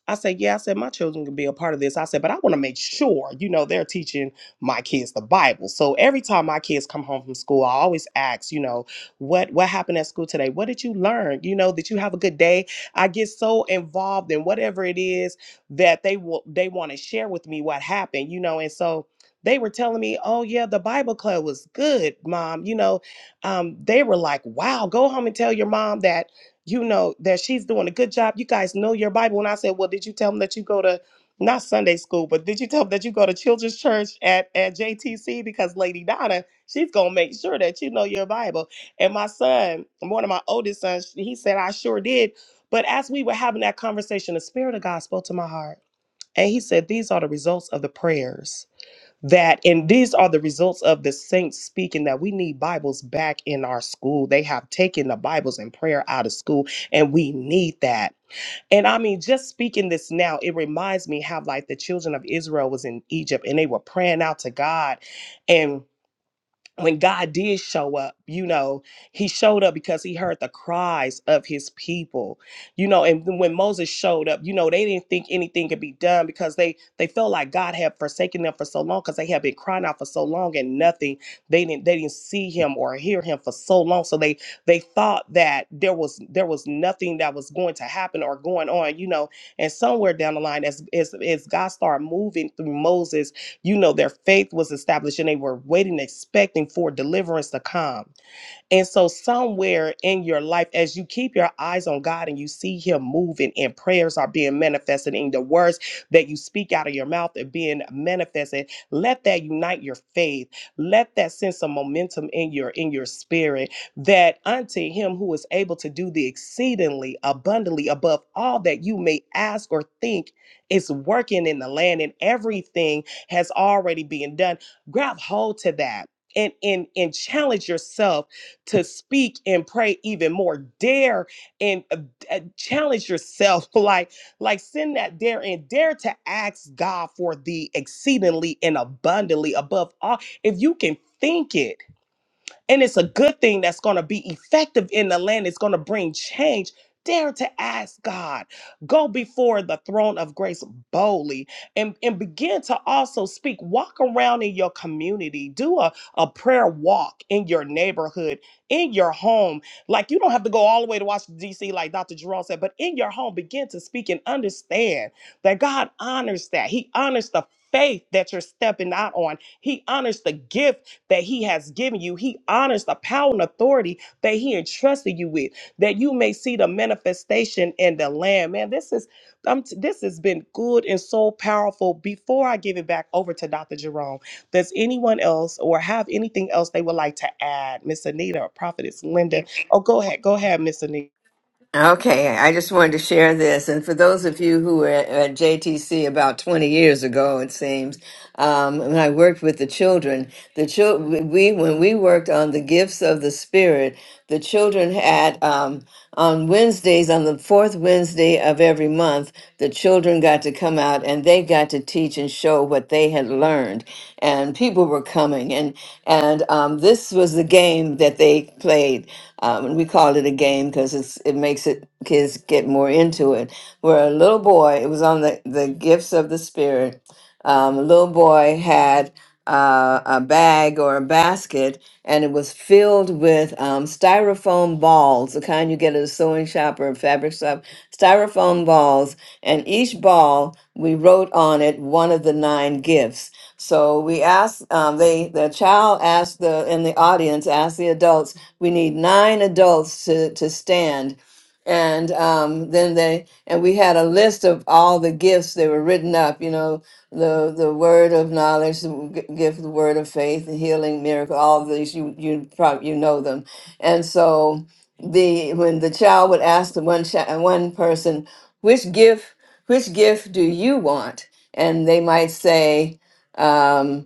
I said, yeah, I said, my children can be a part of this. I said, but I want to make sure, you know, they're teaching my kids the Bible. So every time my kids come home from school, I always ask, you know, what what happened at school today? What did you learn? You know, did you have a good day? I get so involved in whatever it is that they will they want to share with me what happened, you know, and so they were telling me, "Oh yeah, the Bible club was good, mom." You know, um, they were like, "Wow, go home and tell your mom that you know that she's doing a good job. You guys know your Bible." And I said, "Well, did you tell them that you go to not Sunday school, but did you tell them that you go to children's church at at JTC because Lady Donna, she's gonna make sure that you know your Bible." And my son, one of my oldest sons, he said, I sure did. But as we were having that conversation, the Spirit of God spoke to my heart. And he said, These are the results of the prayers that, and these are the results of the saints speaking that we need Bibles back in our school. They have taken the Bibles and prayer out of school, and we need that. And I mean, just speaking this now, it reminds me how, like, the children of Israel was in Egypt and they were praying out to God. and when God did show up, you know, he showed up because he heard the cries of his people. You know, and then when Moses showed up, you know, they didn't think anything could be done because they they felt like God had forsaken them for so long because they had been crying out for so long and nothing. They didn't they didn't see him or hear him for so long. So they they thought that there was there was nothing that was going to happen or going on, you know. And somewhere down the line as as, as God started moving through Moses you know, their faith was established and they were waiting, expecting for deliverance to come. And so, somewhere in your life, as you keep your eyes on God and you see Him moving, and prayers are being manifested, and the words that you speak out of your mouth are being manifested, let that unite your faith. Let that sense of momentum in your in your spirit. That unto Him who is able to do the exceedingly abundantly above all that you may ask or think is working in the land, and everything has already been done. Grab hold to that. And, and, and challenge yourself to speak and pray even more. Dare and uh, uh, challenge yourself, [LAUGHS] like like send that dare and dare to ask God for the exceedingly and abundantly above all. If you can think it and it's a good thing that's going to be effective in the land. It's going to bring change. Dare to ask God. Go before the throne of grace boldly and, and begin to also speak. Walk around in your community. Do a, a prayer walk in your neighborhood, in your home. Like you don't have to go all the way to Washington, D.C., like Dr. Jerome said, but in your home, begin to speak and understand that God honors that. He honors the faith that you're stepping out on. He honors the gift that he has given you. He honors the power and authority that he entrusted you with, that you may see the manifestation in the land. Man, this is um, this has been good and so powerful. Before I give it back over to Dr. Jerome, does anyone else or have anything else they would like to add? Miss Anita or Prophetess Linda. Oh, go ahead. Go ahead, Miss Anita.
Okay, I just wanted to share this. And for those of you who were at at JTC about 20 years ago, it seems, um, when I worked with the children, the chil- we when we worked on the gifts of the Spirit, the children had um, on Wednesdays, on the fourth Wednesday of every month, month, the children got to come out and they got to teach and show what they had learned. And people were coming. And, and um, this was the game that they played. Um, and we called it a game because it makes it kids get more into it. Where a little boy, it was on the, the gifts of the Spirit um, a little boy had uh, a bag or a basket, and it was filled with um, styrofoam balls, the kind you get at a sewing shop or a fabric shop, styrofoam balls. And each ball, we wrote on it one of the nine gifts. So we asked, um, they, the child asked the, in the audience, asked the adults, we need nine adults to, to stand and um, then they and we had a list of all the gifts they were written up you know the the word of knowledge the w- g- gift the word of faith the healing miracle all of these you you probably you know them and so the when the child would ask the one child one person which gift which gift do you want and they might say um,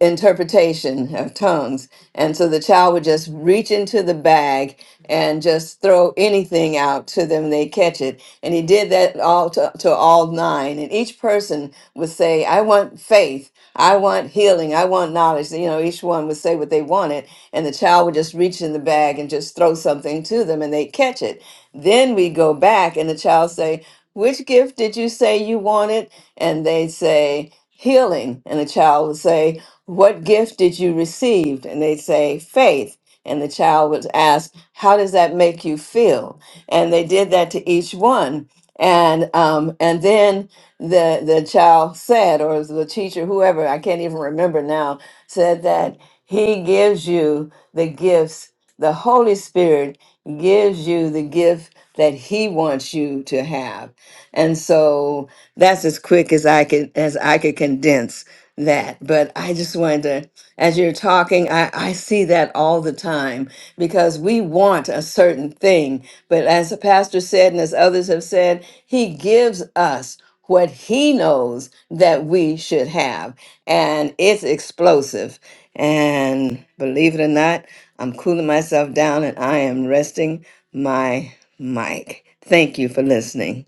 interpretation of tongues. And so the child would just reach into the bag and just throw anything out to them, they catch it. And he did that all to, to all nine. And each person would say, I want faith, I want healing, I want knowledge. You know, each one would say what they wanted. And the child would just reach in the bag and just throw something to them and they catch it. Then we go back and the child say, which gift did you say you wanted? And they say, healing. And the child would say, what gift did you receive? And they'd say, Faith. And the child would ask, How does that make you feel? And they did that to each one. And um, and then the the child said, or it was the teacher, whoever, I can't even remember now, said that he gives you the gifts, the Holy Spirit gives you the gift that he wants you to have. And so that's as quick as I can as I could condense that. But I just wanted to, as you're talking, I, I see that all the time because we want a certain thing. But as the pastor said, and as others have said, he gives us what he knows that we should have. And it's explosive. And believe it or not, I'm cooling myself down and I am resting my mic. Thank you for listening.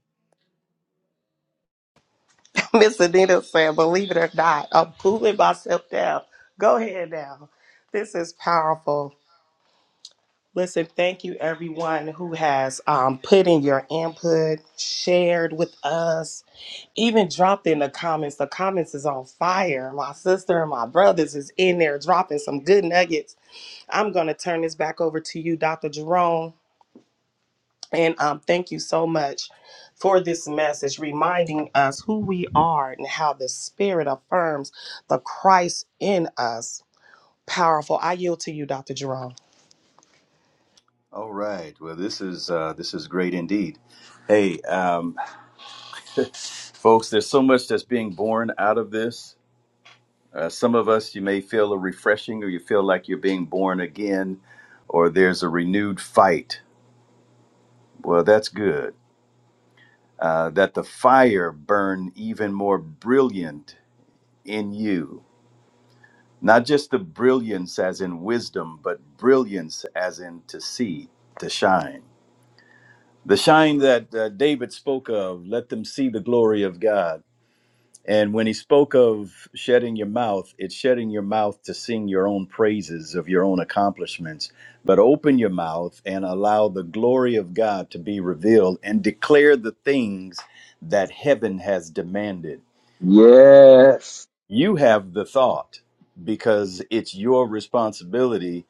[LAUGHS] Miss Anita said, believe it or not, I'm cooling myself down. Go ahead now. This is powerful. Listen, thank you everyone who has um, put in your input, shared with us, even dropped in the comments. The comments is on fire. My sister and my brothers is in there dropping some good nuggets. I'm going to turn this back over to you, Dr. Jerome. And um, thank you so much for this message, reminding us who we are and how the Spirit affirms the Christ in us. Powerful. I yield to you, Dr. Jerome.
All right. Well, this is, uh, this is great indeed. Hey, um, [LAUGHS] Folks, there's so much that's being born out of this. Uh, some of us, you may feel a refreshing or you feel like you're being born again or there's a renewed fight. Well, that's good. Uh, that the fire burn even more brilliant in you. Not just the brilliance as in wisdom, but brilliance as in to see, to shine. The shine that uh, David spoke of, let them see the glory of God. And when he spoke of shedding your mouth, it's shedding your mouth to sing your own praises of your own accomplishments, but open your mouth and allow the glory of God to be revealed and declare the things that heaven has demanded.
Yes.
You have the thought because it's your responsibility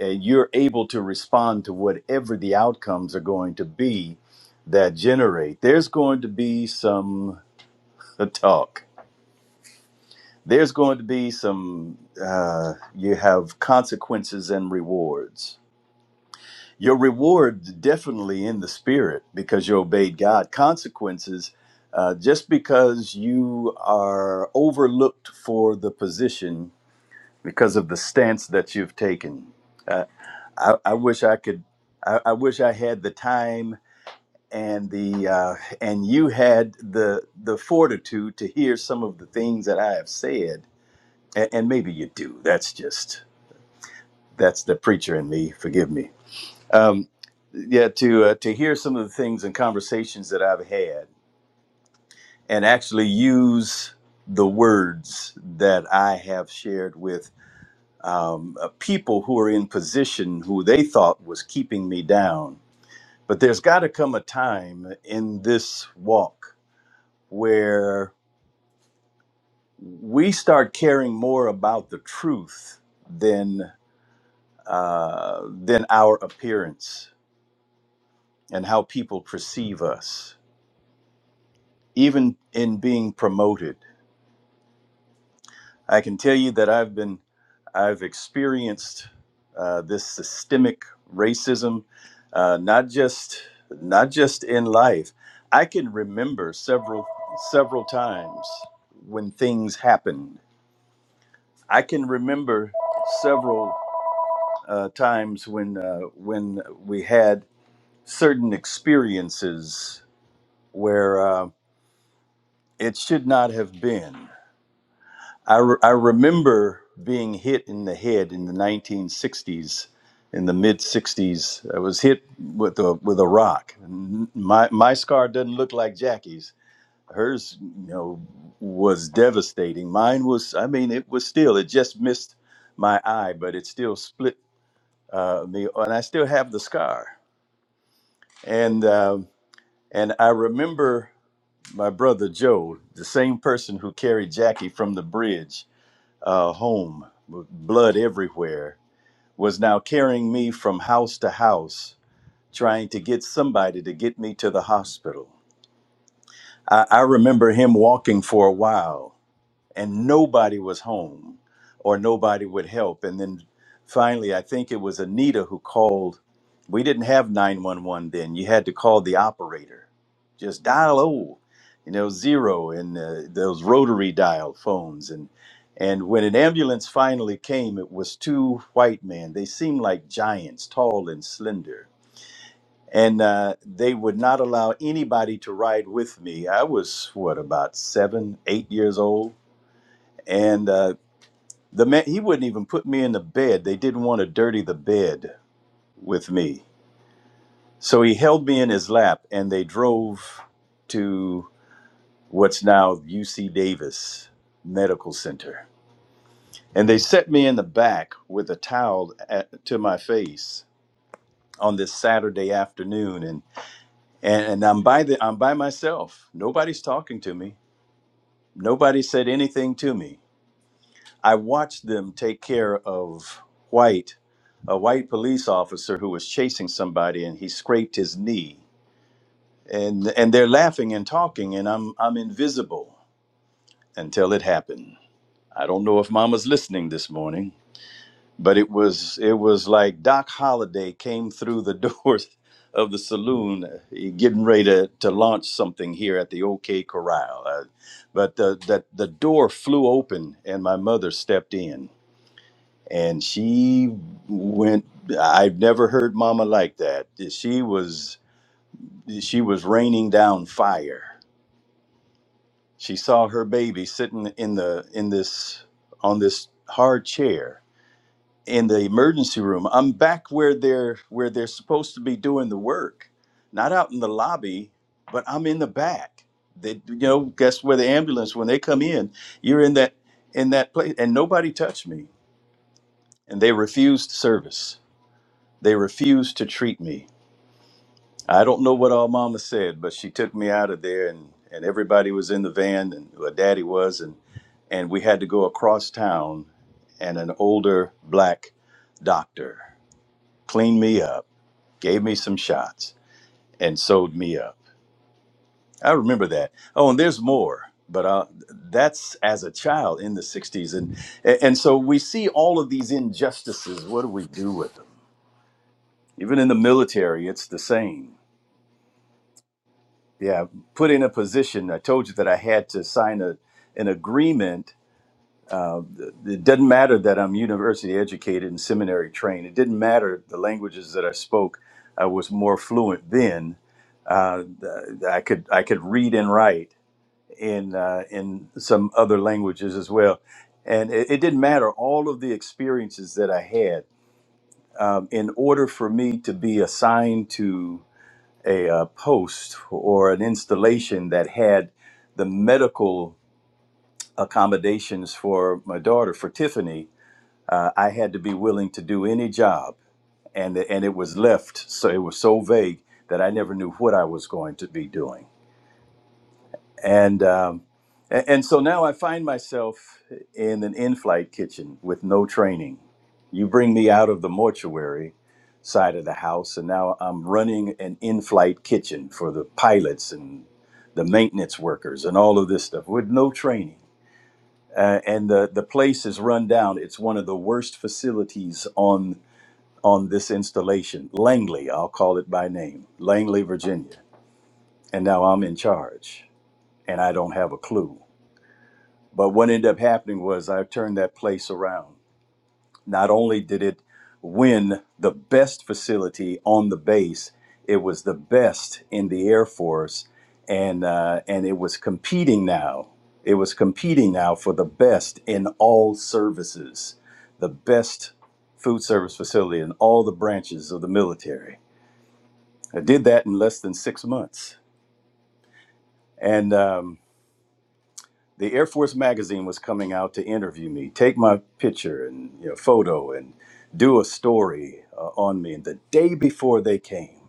and you're able to respond to whatever the outcomes are going to be that generate. There's going to be some [LAUGHS] talk There's going to be some, uh, you have consequences and rewards. Your reward definitely in the spirit because you obeyed God. Consequences, uh, just because you are overlooked for the position because of the stance that you've taken. Uh, I, I wish I could, I, I wish I had the time and the uh, and you had the the fortitude to hear some of the things that I have said and, and maybe you do. That's just that's the preacher in me. Forgive me. Um, yeah, to uh, to hear some of the things and conversations that I've had, and actually use the words that I have shared with um, uh, people who are in position who they thought was keeping me down. But there's got to come a time in this walk where we start caring more about the truth than. uh, than our appearance and how people perceive us, even in being promoted. I can tell you that I've been, I've experienced uh, this systemic racism, uh, not just not just in life. I can remember several several times when things happened. I can remember several uh, times when uh, when we had certain experiences where uh, it should not have been. I, re- I remember being hit in the head in the 1960s, in the mid 60s. I was hit with a with a rock. N- My my scar doesn't look like Jackie's. Hers, you know, was devastating. Mine was. I mean, it was still. It just missed my eye, but it still split uh, me, and I still have the scar. And um and I remember my brother Joe, the same person who carried Jackie from the bridge uh, home with blood everywhere, was now carrying me from house to house, trying to get somebody to get me to the hospital. I, I remember him walking for a while and nobody was home or nobody would help. And then finally, I think it was Anita who called. We didn't have 911 then. You had to call the operator, just dial O, you know, zero, and uh, those rotary dial phones. And and when an ambulance finally came, it was two white men. They seemed like giants, tall and slender. And uh, they would not allow anybody to ride with me. I was, what, about seven, eight years old? and uh, the man he wouldn't even put me in the bed. They didn't want to dirty the bed with me. So he held me in his lap and they drove to what's now UC Davis Medical Center. And they set me in the back with a towel at, to my face on this Saturday afternoon and, and and I'm by the I'm by myself. Nobody's talking to me. Nobody said anything to me I watched them take care of White, a white police officer who was chasing somebody and he scraped his knee. And and they're laughing and talking and I'm I'm invisible until it happened. I don't know if mama's listening this morning, but it was it was like Doc Holliday came through the [LAUGHS] doors of the saloon uh, getting ready to, to launch something here at the OK Corral. Uh, but the, that the door flew open and my mother stepped in and she went i've never heard mama like that she was she was raining down fire she saw her baby sitting in the in this on this hard chair in the emergency room i'm back where they're where they're supposed to be doing the work not out in the lobby but i'm in the back they you know guess where the ambulance when they come in you're in that in that place and nobody touched me and they refused service They refused to treat me. I don't know what our mama said, but she took me out of there, and, and everybody was in the van, and well, daddy was, and and we had to go across town, and an older black doctor cleaned me up, gave me some shots, and sewed me up. I remember that. Oh, and there's more, but uh, that's as a child in the '60s, and and so we see all of these injustices. What do we do with them? Even in the military, it's the same yeah put in a position i told you that i had to sign a, an agreement uh, it doesn't matter that i'm university educated and seminary trained it didn't matter the languages that i spoke i was more fluent then uh, i could i could read and write in uh, in some other languages as well and it, it didn't matter all of the experiences that i had um, in order for me to be assigned to a uh, post or an installation that had the medical accommodations for my daughter, for Tiffany, uh, I had to be willing to do any job, and and it was left so it was so vague that I never knew what I was going to be doing and um, and, and so now I find myself in an in-flight kitchen with no training. You bring me out of the mortuary side of the house, and now I'm running an in-flight kitchen for the pilots and the maintenance workers and all of this stuff with no training. Uh, and the the place is run down. It's one of the worst facilities on on this installation, Langley. I'll call it by name, Langley, Virginia. And now I'm in charge, and I don't have a clue but what ended up happening was I turned that place around. Not only did it win the best facility on the base, it was the best in the Air Force, and uh, and it was competing now. It was competing now for the best in all services, the best food service facility in all the branches of the military. I did that in less than six months, and. Um, the Air Force magazine was coming out to interview me, take my picture and you know, photo, and do a story uh, on me. And the day before they came,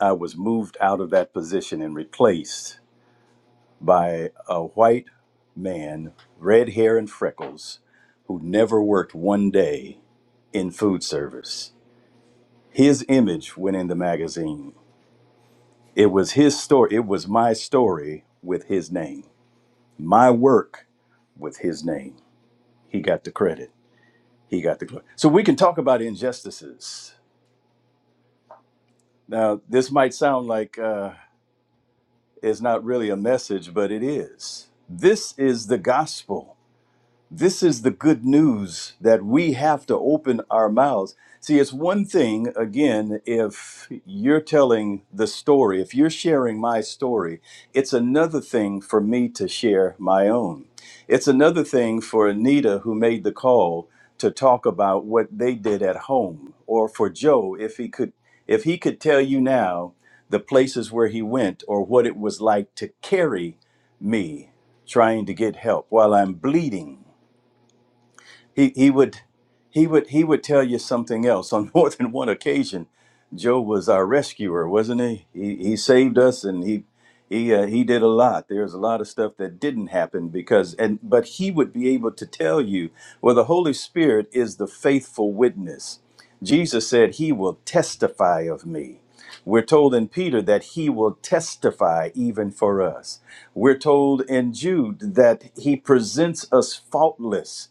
I was moved out of that position and replaced by a white man, red hair and freckles, who never worked one day in food service. His image went in the magazine. It was his story. It was my story with his name, my work with his name. He got the credit. He got the glory. So we can talk about injustices. Now, this might sound like uh, it's not really a message, but it is. This is the gospel. This is the good news that we have to open our mouths. See, it's one thing, again, if you're telling the story, if you're sharing my story, it's another thing for me to share my own. It's another thing for Anita, who made the call, to talk about what they did at home, or for Joe, if he could. If he could tell you now the places where he went or what it was like to carry me trying to get help while I'm bleeding he he would he would he would tell you something else [LAUGHS] on more than one occasion joe was our rescuer wasn't he he, he saved us and he he uh, he did a lot there's a lot of stuff that didn't happen because and but he would be able to tell you well the holy spirit is the faithful witness jesus said he will testify of me we're told in peter that he will testify even for us we're told in jude that he presents us faultless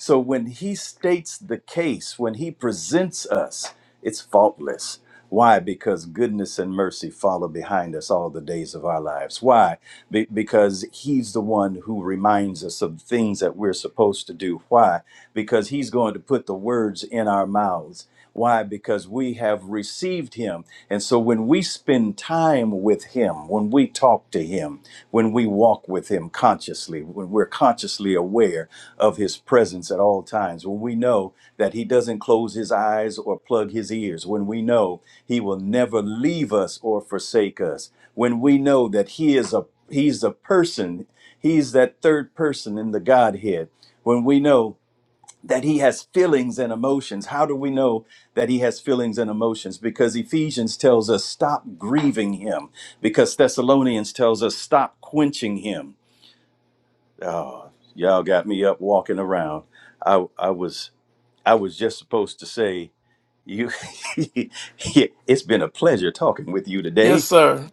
so when he states the case, when he presents us, it's faultless. Why? Because goodness and mercy follow behind us all the days of our lives. Why? Be- because he's the one who reminds us of things that we're supposed to do. Why? Because he's going to put the words in our mouths. Why? Because we have received him. And so when we spend time with him, when we talk to him, when we walk with him consciously, when we're consciously aware of his presence at all times, when we know that he doesn't close his eyes or plug his ears, when we know he will never leave us or forsake us, when we know that he is a he's a person, he's that third person in the Godhead, when we know that he has feelings and emotions. How do we know that he has feelings and emotions? Because Ephesians tells us stop grieving him. Because Thessalonians tells us stop quenching him. Oh, y'all got me up walking around. I I was I was just supposed to say you. [LAUGHS] it's been a pleasure talking with you
Yes,
today.
sir.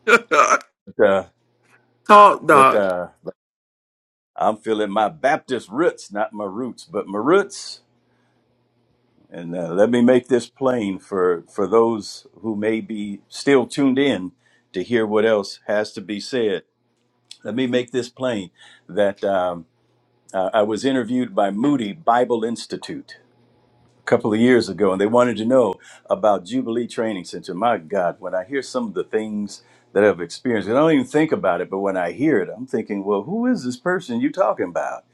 But uh,
[LAUGHS] Talk,
but
dog.
uh, I'm feeling my Baptist roots, not my roots, but my roots. And uh, let me make this plain for, for those who may be still tuned in to hear what else has to be said. Let me make this plain that um, uh, I was interviewed by Moody Bible Institute a couple of years ago, and they wanted to know about Jubilee Training Center. My God, when I hear some of the things that I've experienced, and I don't even think about it, but when I hear it, I'm thinking, well, who is this person you talking about?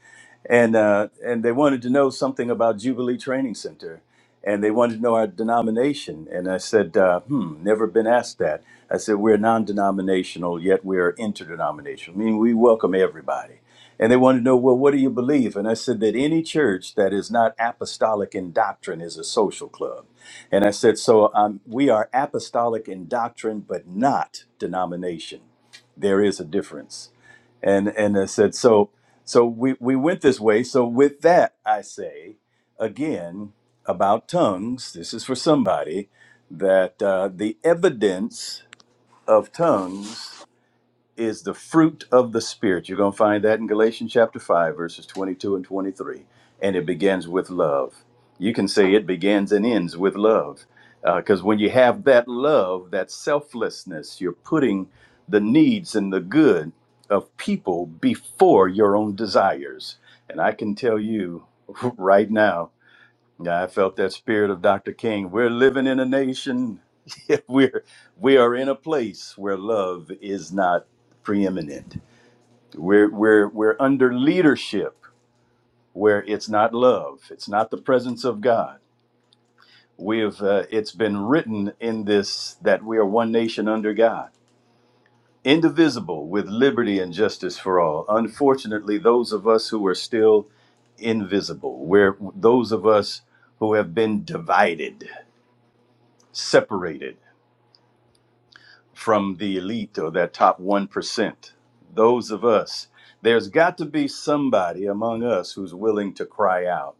and uh, and they wanted to know something about Jubilee Training Center, and they wanted to know our denomination. And I said, uh, "Hmm, never been asked that." I said, "We're non-denominational, yet we're interdenominational, meaning we welcome everybody." And they wanted to know, "Well, what do you believe?" And I said that any church that is not apostolic in doctrine is a social club. And I said, "So um, we are apostolic in doctrine, but not denomination. There is a difference." and and I said so so we we went this way so with that i say again about tongues this is for somebody that uh, the evidence of tongues is the fruit of the Spirit. You're going to find that in Galatians chapter 5, verses 22 and 23. And it begins with love. You can say it begins and ends with love. Because uh, when you have that love, that selflessness, you're putting the needs and the good of people before your own desires. And I can tell you [LAUGHS] right now, yeah, I felt that spirit of Dr. King. We're living in a nation. [LAUGHS] we're we are in a place where love is not preeminent. We're we're we're under leadership where it's not love. It's not the presence of God. We have uh, it's been written in this that we are one nation under God, indivisible with liberty and justice for all. Unfortunately, those of us who are still invisible, where those of us who have been divided separated from the elite or that top 1%. Those of us, there's got to be somebody among us who's willing to cry out,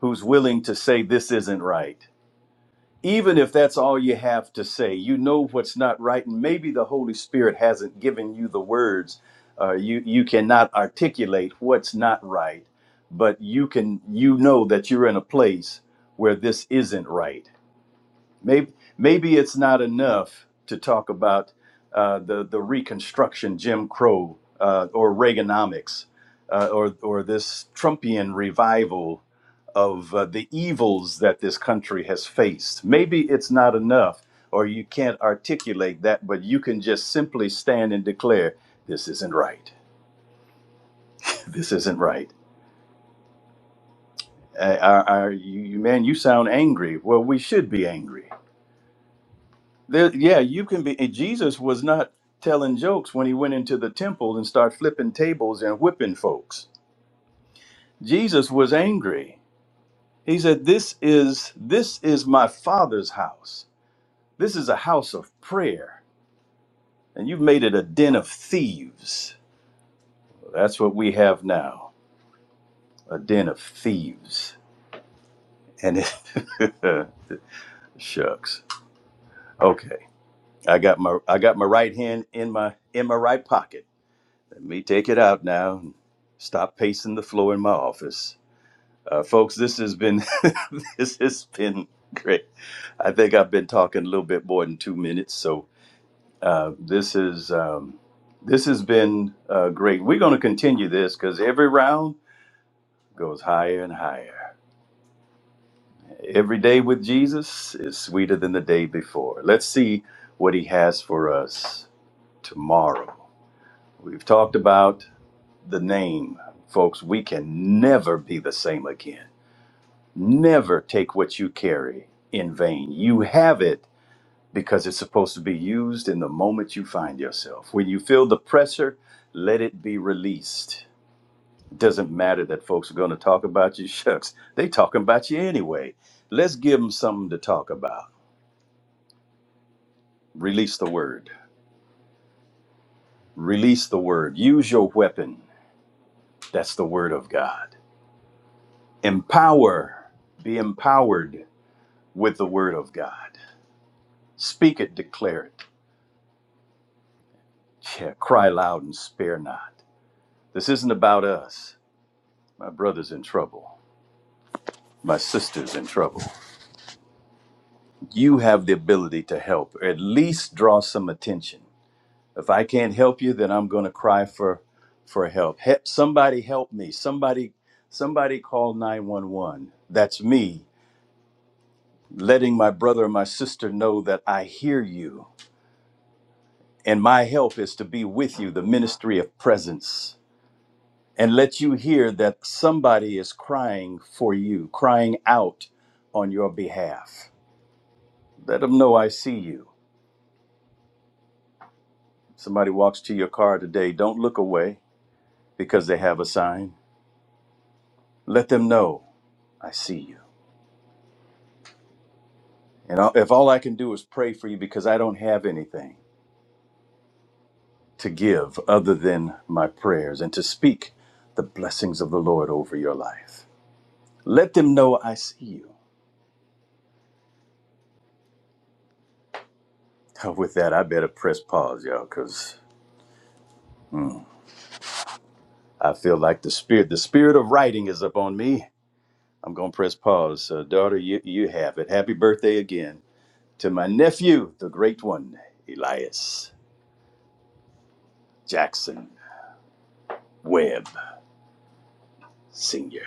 who's willing to say, This isn't right. Even if that's all you have to say, you know what's not right, and maybe the Holy Spirit hasn't given you the words. Uh, you you cannot articulate what's not right, but you can you know that you're in a place where this isn't right Maybe maybe it's not enough to talk about uh, the the Reconstruction, Jim Crow, uh, or Reaganomics, uh, or or this Trumpian revival of uh, the evils that this country has faced. Maybe it's not enough, or you can't articulate that, but you can just simply stand and declare, "This isn't right. [LAUGHS] This isn't right." Uh, are, are you, you- man? You sound angry. Well, we should be angry There, yeah, you can be. and Jesus was not telling jokes when he went into the temple and started flipping tables and whipping folks. Jesus was angry. He said, "This is this is my Father's house. This is a house of prayer, and you've made it a den of thieves." Well, That's what we have now, a den of thieves. And it, [LAUGHS] shucks. Okay, I got my I got my right hand in my in my right pocket. Let me take it out now and stop pacing the floor in my office. Uh, folks, this has been [LAUGHS] this has been great. I think I've been talking a little bit more than two minutes, so uh, this is um, this has been uh, great. We're going to continue this because every round goes higher and higher. Every day with Jesus is sweeter than the day before. Let's see what He has for us tomorrow. We've talked about. the name, folks, we can never be the same again. Never take what you carry in vain. You have it because it's supposed to be used in the moment you find yourself. When you feel the pressure, let it be released. It doesn't matter that folks are going to talk about you. [LAUGHS] Shucks, they talking about you anyway. Let's give them something to talk about. Release the word. Release the word. Use your weapon. That's the word of God. Empower. Be empowered with the word of God. Speak it, declare it. Yeah, cry loud and spare not. This isn't about us. My brother's in trouble. My sister's in trouble. You have the ability to help, or at least draw some attention. If I can't help you, then I'm going to cry for for help. He- somebody help me. Somebody somebody call 911. That's me letting my brother or my sister know that I hear you and my help is to be with you, the ministry of presence and let you hear that somebody is crying for you, crying out on your behalf. Let them know I see you. Somebody walks to your car today, don't look away because they have a sign. Let them know I see you. And I- if all I can do is pray for you because I don't have anything to give other than my prayers and to speak the blessings of the Lord over your life, let them know I see you. [LAUGHS] With that, I better press pause, y'all, because. I feel like the spirit, the spirit of writing is upon me. I'm going to press pause. Uh, daughter, you, you have it. Happy birthday again to my nephew, the great one, Elias Jackson Webb Sr.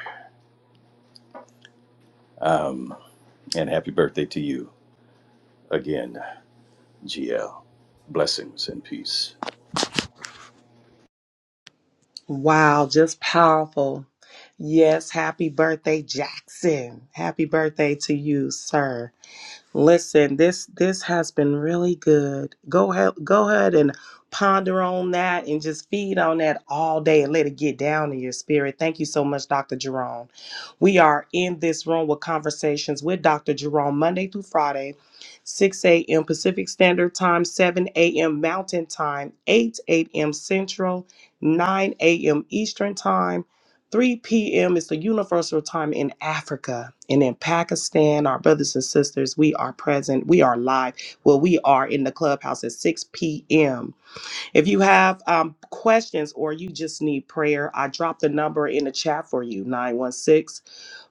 Um, and happy birthday to you again, GL. Blessings and peace.
Wow, just powerful. Yes, happy birthday, Jackson. Happy birthday to you, sir. Listen, this this has been really good. Go ahead, go ahead and ponder on that and just feed on that all day and let it get down in your spirit. Thank you so much, Dr. Jerome. We are in this room with conversations with Dr. Jerome Monday through Friday, 6 a.m. Pacific Standard Time, 7 a.m. Mountain Time, 8 a.m. Central, 9 a.m. Eastern Time. 3 p.m. is the universal time in Africa and in Pakistan. Our brothers and sisters, we are present. We are live. Well, we are in the clubhouse at 6 p.m. If you have um, questions or you just need prayer, I dropped the number in the chat for you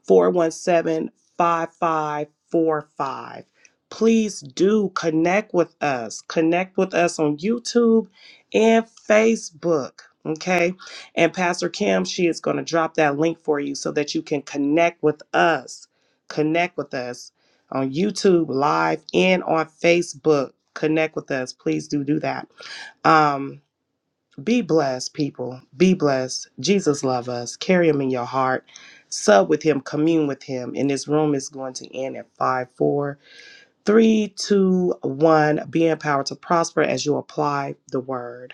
417 5545. Please do connect with us. Connect with us on YouTube and Facebook. Okay. And Pastor Kim, she is going to drop that link for you so that you can connect with us. Connect with us on YouTube live and on Facebook. Connect with us. Please do do that. Um, be blessed, people. Be blessed. Jesus love us. Carry him in your heart. Sub with him. Commune with him. And this room is going to end at five, four, three, two, one. Be empowered to prosper as you apply the word.